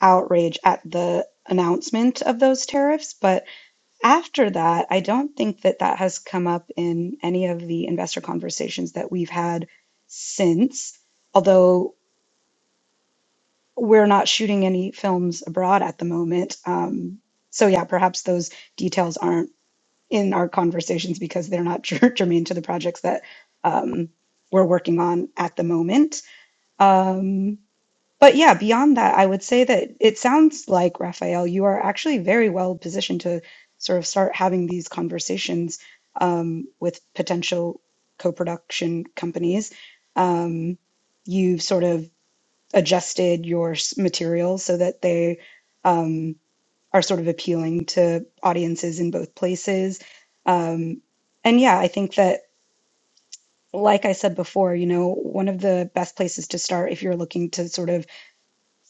Speaker 4: outrage at the announcement of those tariffs. But after that, I don't think that that has come up in any of the investor conversations that we've had since, although we're not shooting any films abroad at the moment. Um, so, yeah, perhaps those details aren't in our conversations because they're not germane to the projects that um, we're working on at the moment. Um, but yeah, beyond that, I would say that it sounds like, Raphael, you are actually very well positioned to sort of start having these conversations um, with potential co production companies. Um, you've sort of adjusted your s- materials so that they. um, are sort of appealing to audiences in both places. Um, and yeah, I think that, like I said before, you know, one of the best places to start if you're looking to sort of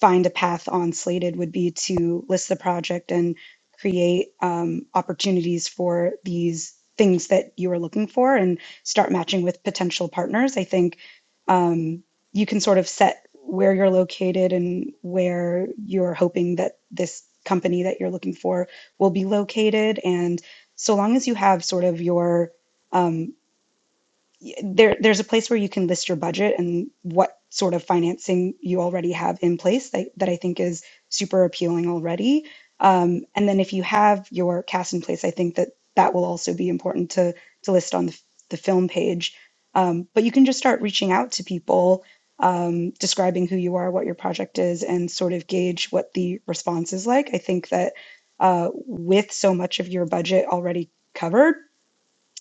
Speaker 4: find a path on Slated would be to list the project and create um, opportunities for these things that you are looking for and start matching with potential partners. I think um, you can sort of set where you're located and where you're hoping that this company that you're looking for will be located. And so long as you have sort of your um, there there's a place where you can list your budget and what sort of financing you already have in place that, that I think is super appealing already. Um, and then if you have your cast in place, I think that that will also be important to to list on the, the film page. Um, but you can just start reaching out to people, um, describing who you are, what your project is, and sort of gauge what the response is like. I think that uh, with so much of your budget already covered,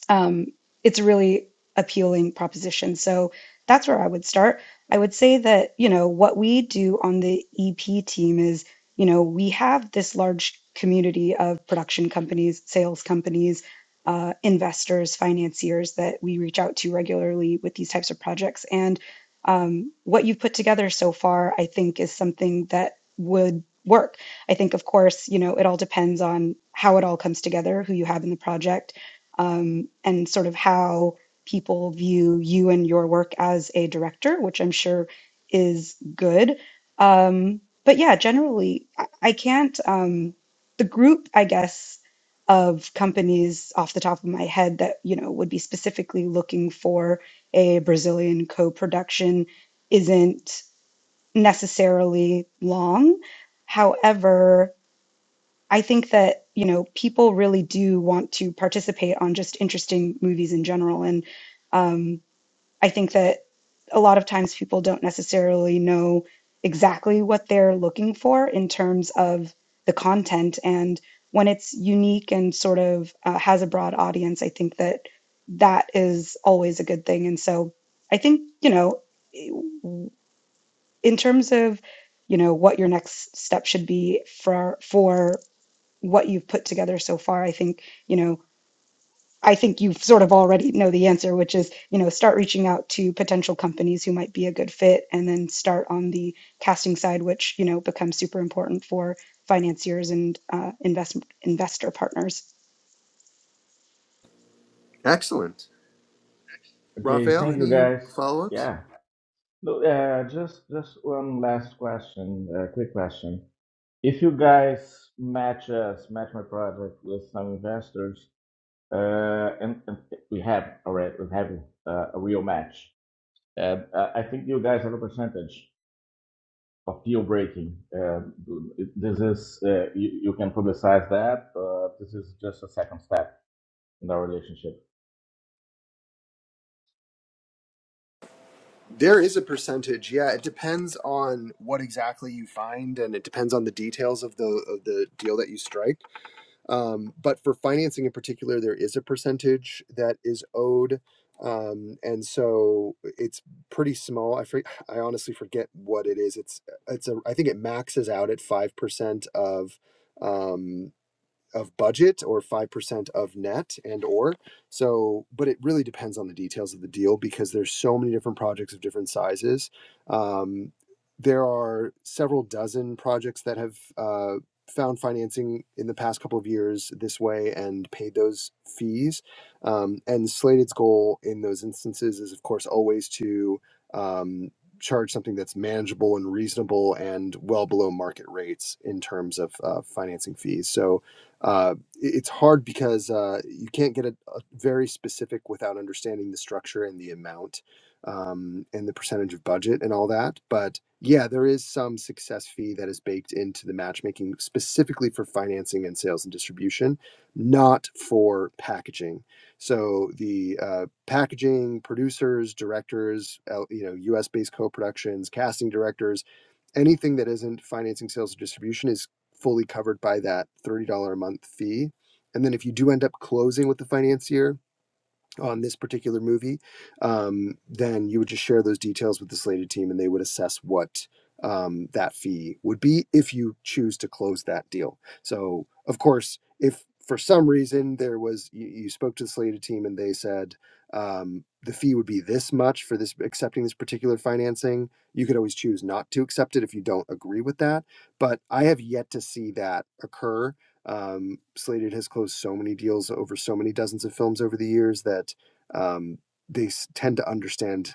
Speaker 4: um, it's a really appealing proposition. So that's where I would start. I would say that, you know, what we do on the EP team is, you know, we have this large community of production companies, sales companies, uh, investors, financiers that we reach out to regularly with these types of projects. And um, what you've put together so far, I think, is something that would work. I think, of course, you know, it all depends on how it all comes together, who you have in the project um, and sort of how people view you and your work as a director, which I'm sure is good. Um, but yeah, generally, I, I can't, um, the group, I guess, of companies off the top of my head that, you know, would be specifically looking for a Brazilian co-production isn't necessarily long. However, I think that, you know, people really do want to participate on just interesting movies in general. And um, I think that a lot of times people don't necessarily know exactly what they're looking for in terms of the content. And when it's unique and sort of uh, has a broad audience, I think that that is always a good thing. And so I think, you know, in terms of, you know, what your next step should be for for what you've put together so far i think you know i think you sort of already know the answer which is you know start reaching out to potential companies who might be a good fit and then start on the casting side which you know becomes super important for financiers and uh, invest investor partners
Speaker 2: Excellent,
Speaker 6: Okay,
Speaker 2: Raphael.
Speaker 6: thank you
Speaker 2: Any
Speaker 6: guys.
Speaker 2: follow ups?
Speaker 6: Yeah. No, uh, just just one last question, uh, quick question. If you guys match us, match my project with some investors, uh, and, and we have, already we have uh, a real match. Um, Uh, I think you guys have a percentage of deal breaking. Um this is uh, you, you can publicize that. Uh, this is just a second step in our relationship.
Speaker 2: There is a percentage. Yeah, it depends on what exactly you find, and it depends on the details of the of the deal that you strike Um, but for financing in particular, there is a percentage that is owed. Um, and so it's pretty small. I, for, I honestly forget what it is. It's, it's a, I think it maxes out at 5% of, um, of budget or 5% of net and or so but it really depends on the details of the deal because there's so many different projects of different sizes um, there are several dozen projects that have uh, found financing in the past couple of years this way and paid those fees um, and slated's goal in those instances is of course always to um, charge something that's manageable and reasonable and well below market rates in terms of uh, financing fees so uh, it- it's hard because uh, you can't get a, a very specific without understanding the structure and the amount um, and the percentage of budget and all that. But yeah, there is some success fee that is baked into the matchmaking specifically for financing and sales and distribution, not for packaging. So the uh, packaging producers, directors, L- you know, U.S. based co-productions, casting directors anything that isn't financing sales and distribution is fully covered by that $30 a month fee. And then if you do end up closing with the financier, on this particular movie, um, then you would just share those details with the slated team and they would assess what um, that fee would be if you choose to close that deal. So, of course, if for some reason there was, you, you spoke to the slated team and they said um, the fee would be this much for this accepting this particular financing, you could always choose not to accept it if you don't agree with that. But I have yet to see that occur um, Slated has closed so many deals over so many dozens of films over the years that um, they tend to understand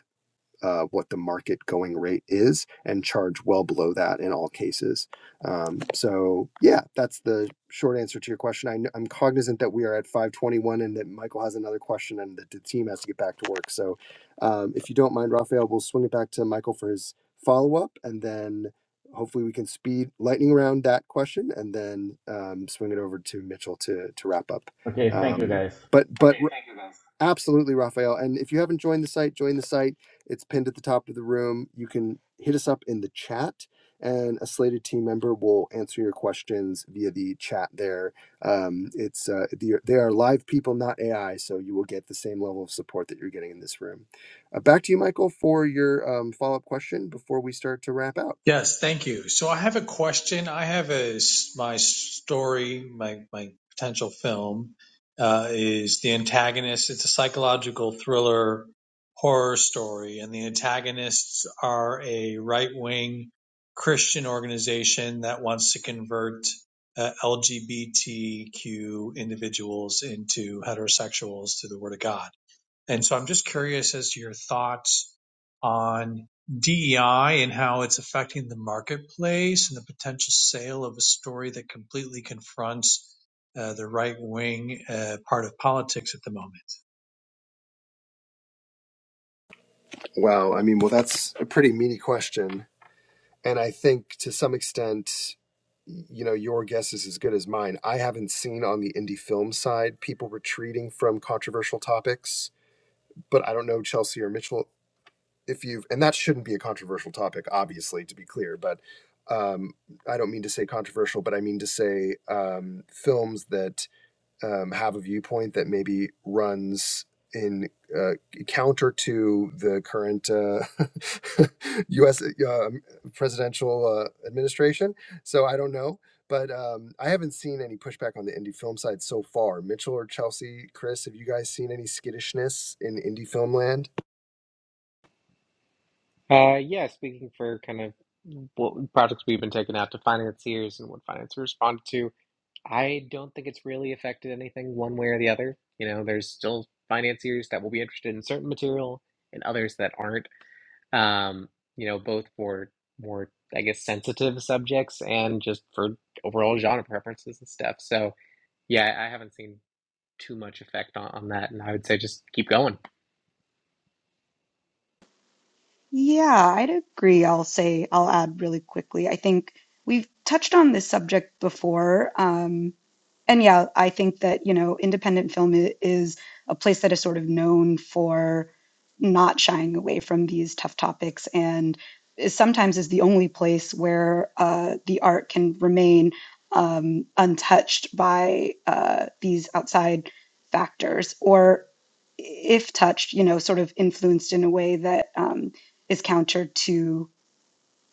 Speaker 2: uh, what the market going rate is and charge well below that in all cases. Um, so yeah, that's the short answer to your question. I, I'm cognizant that we are at 521 and that Michael has another question and that the team has to get back to work. So um, if you don't mind, Raphael, we'll swing it back to Michael for his follow up and then hopefully we can speed lightning round that question and then um, swing it over to Mitchell to, to wrap up.
Speaker 6: Okay, thank you
Speaker 2: Um,
Speaker 6: guys.
Speaker 2: but, but, Okay, thank you guys. Absolutely, Raphael. And if you haven't joined the site, join the site it's pinned at the top of the room. You can hit us up in the chat, and a slated team member will answer your questions via the chat there. Um, it's uh, the, they are live people, not AI, so you will get the same level of support that you're getting in this room. Uh, back to you, Michael, for your um, follow up question before we start to wrap out.
Speaker 5: Yes, thank you. So I have a question. I have a s- my story, my my potential film uh, is the antagonist. It's a psychological thriller horror story, and the antagonists are a right wing Christian organization that wants to convert uh, LGBTQ individuals into heterosexuals to the Word of God. And so I'm just curious as to your thoughts on DEI and how it's affecting the marketplace and the potential sale of a story that completely confronts uh, the right wing uh, part of politics at the moment.
Speaker 2: Wow, I mean, well, that's a pretty meaty question. And I think to some extent, you know, your guess is as good as mine. I haven't seen on the indie film side people retreating from controversial topics, but I don't know Chelsea or Mitchell if you've, and that shouldn't be a controversial topic, obviously, to be clear, but um, I don't mean to say controversial, but I mean to say um, films that um, have a viewpoint that maybe runs in uh, counter to the current uh, U.S. Uh, presidential uh, administration. So I don't know, but um, I haven't seen any pushback on the indie film side so far. Mitchell or Chelsea, Chris, have you guys seen any skittishness in indie film land?
Speaker 1: Uh, yeah, speaking for kind of what projects we've been taking out to financiers and what financiers responded to, I don't think it's really affected anything one way or the other. You know, there's still financiers that will be interested in certain material and others that aren't. Um, you know, both for more, I guess, sensitive subjects and just for overall genre preferences and stuff. So, yeah, I I haven't seen too much effect on, on that, and I would say just keep going.
Speaker 4: Yeah, I'd agree. I'll say, I'll add really quickly. I think we've touched on this subject before, um, and yeah, I think that, you know, independent film i- is a place that is sort of known for not shying away from these tough topics and is sometimes is the only place where uh, the art can remain um, untouched by uh, these outside factors or if touched, you know, sort of influenced in a way that um, is counter to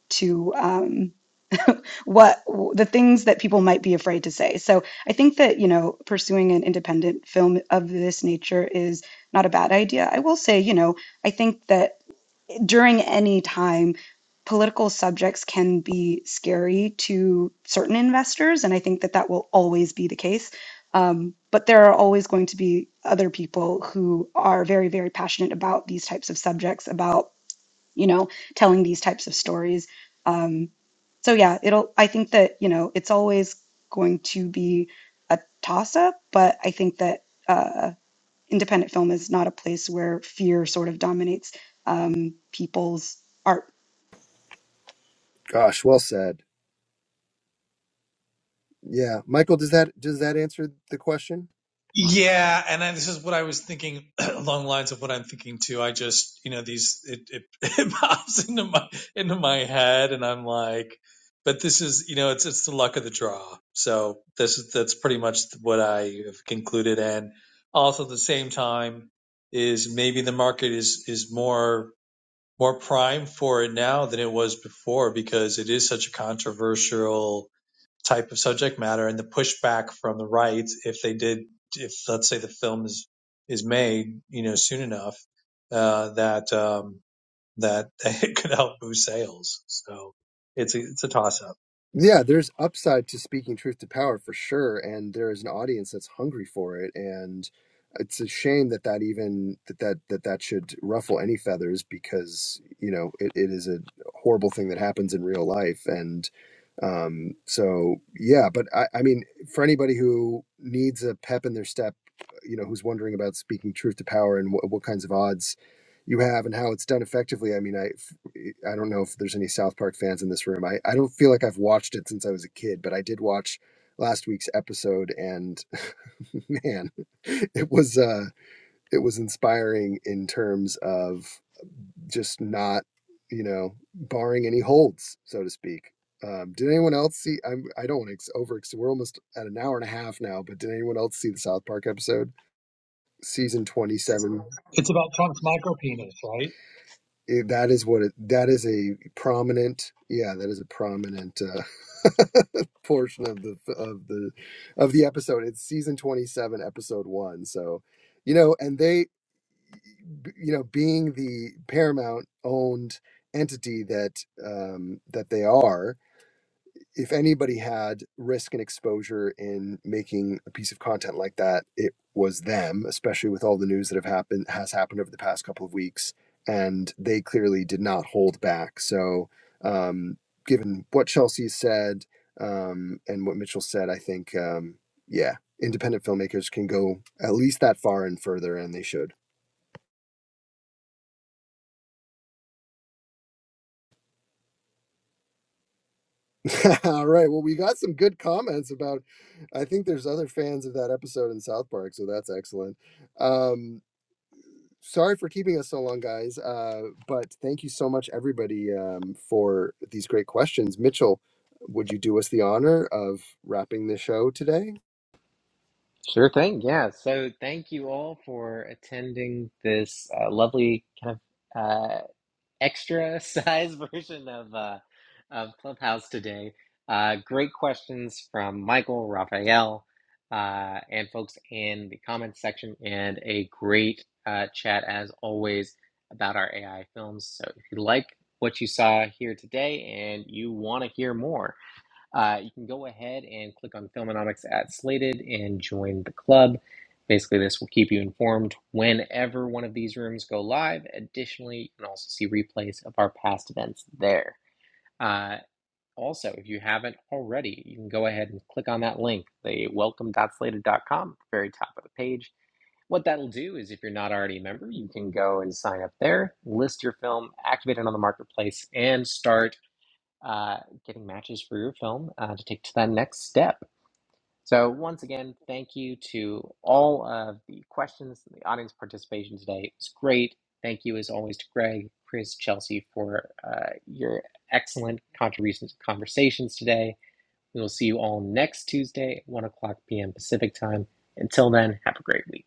Speaker 4: to um, what the things that people might be afraid to say. So I think that, you know, pursuing an independent film of this nature is not a bad idea. I will say, you know, I think that during any time, political subjects can be scary to certain investors. And I think that that will always be the case. Um, but there are always going to be other people who are very, very passionate about these types of subjects, about, you know, telling these types of stories. Um, so yeah, it'll, I think that, you know, it's always going to be a toss up, but I think that uh, independent film is not a place where fear sort of dominates um, people's art
Speaker 2: Gosh, well said. Yeah, Michael, does that does that answer the question?
Speaker 5: Yeah, and I, this is what I was thinking along the lines of what I'm thinking too. I just, you know, these it, it it pops into my into my head, and I'm like, but this is, you know, it's it's the luck of the draw. So this is that's pretty much what I have concluded, and also at the same time is maybe the market is is more more prime for it now than it was before because it is such a controversial type of subject matter and the pushback from the right if they did if let's say the film is is made you know soon enough uh, that um, that it could help boost sales so it's a, it's a toss up
Speaker 2: Yeah, there's upside to speaking truth to power for sure, and there is an audience that's hungry for it, and it's a shame that that even that that that, that should ruffle any feathers because you know it, it is a horrible thing that happens in real life, and um, so yeah. But I, I mean, for anybody who needs a pep in their step, you know, who's wondering about speaking truth to power and wh- what kinds of odds you have and how it's done effectively, I mean, I I don't know if there's any South Park fans in this room. I, I don't feel like I've watched it since I was a kid, but I did watch last week's episode and man, it was uh it was inspiring in terms of just not, you know, barring any holds, so to speak. Um, did anyone else see? I'm, I don't want to over. We're almost at an hour and a half now, but did anyone else see the South Park episode, season twenty-seven?
Speaker 5: It's about Trump's micropenis, right?
Speaker 2: it, that is what it, that is a prominent yeah that is a prominent uh, portion of the of the of the episode it's season 27 episode 1 so you know and they you know being the paramount owned entity that um that they are if anybody had risk and exposure in making a piece of content like that, it was them, especially with all the news that have happened has happened over the past couple of weeks, and they clearly did not hold back. So, um, given what Chelsea said um, and what Mitchell said, I think um, yeah, independent filmmakers can go at least that far and further, and they should. all right, well, we got some good comments about. I think there's other fans of that episode in South Park, so that's excellent. Um, sorry for keeping us so long, guys. Uh, but thank you so much, everybody, um, for these great questions. Mitchell, would you do us the honor of wrapping the show today?
Speaker 1: Sure thing. Yeah. So thank you all for attending this uh, lovely kind of uh, extra size version of uh, of Clubhouse today. Uh, great questions from Michael, Raphael, uh, and folks in the comments section, and a great uh, chat as always about our AI films. So if you like what you saw here today and you want to hear more, uh, you can go ahead and click on Filmonomics at Slated and join the club. Basically, this will keep you informed whenever one of these rooms go live. Additionally, you can also see replays of our past events there. Uh, also, if you haven't already, you can go ahead and click on that link, the welcome.slated.com, at the very top of the page. What that'll do is, if you're not already a member, you can go and sign up there, list your film, activate it on the marketplace, and start uh, getting matches for your film uh, to take to that next step. So, once again, thank you to all of the questions and the audience participation today. It was great. Thank you, as always, to Greg, Chris, Chelsea for uh, your excellent contributions and conversations today. We will see you all next Tuesday at 1 o'clock p.m. Pacific time. Until then, have a great week.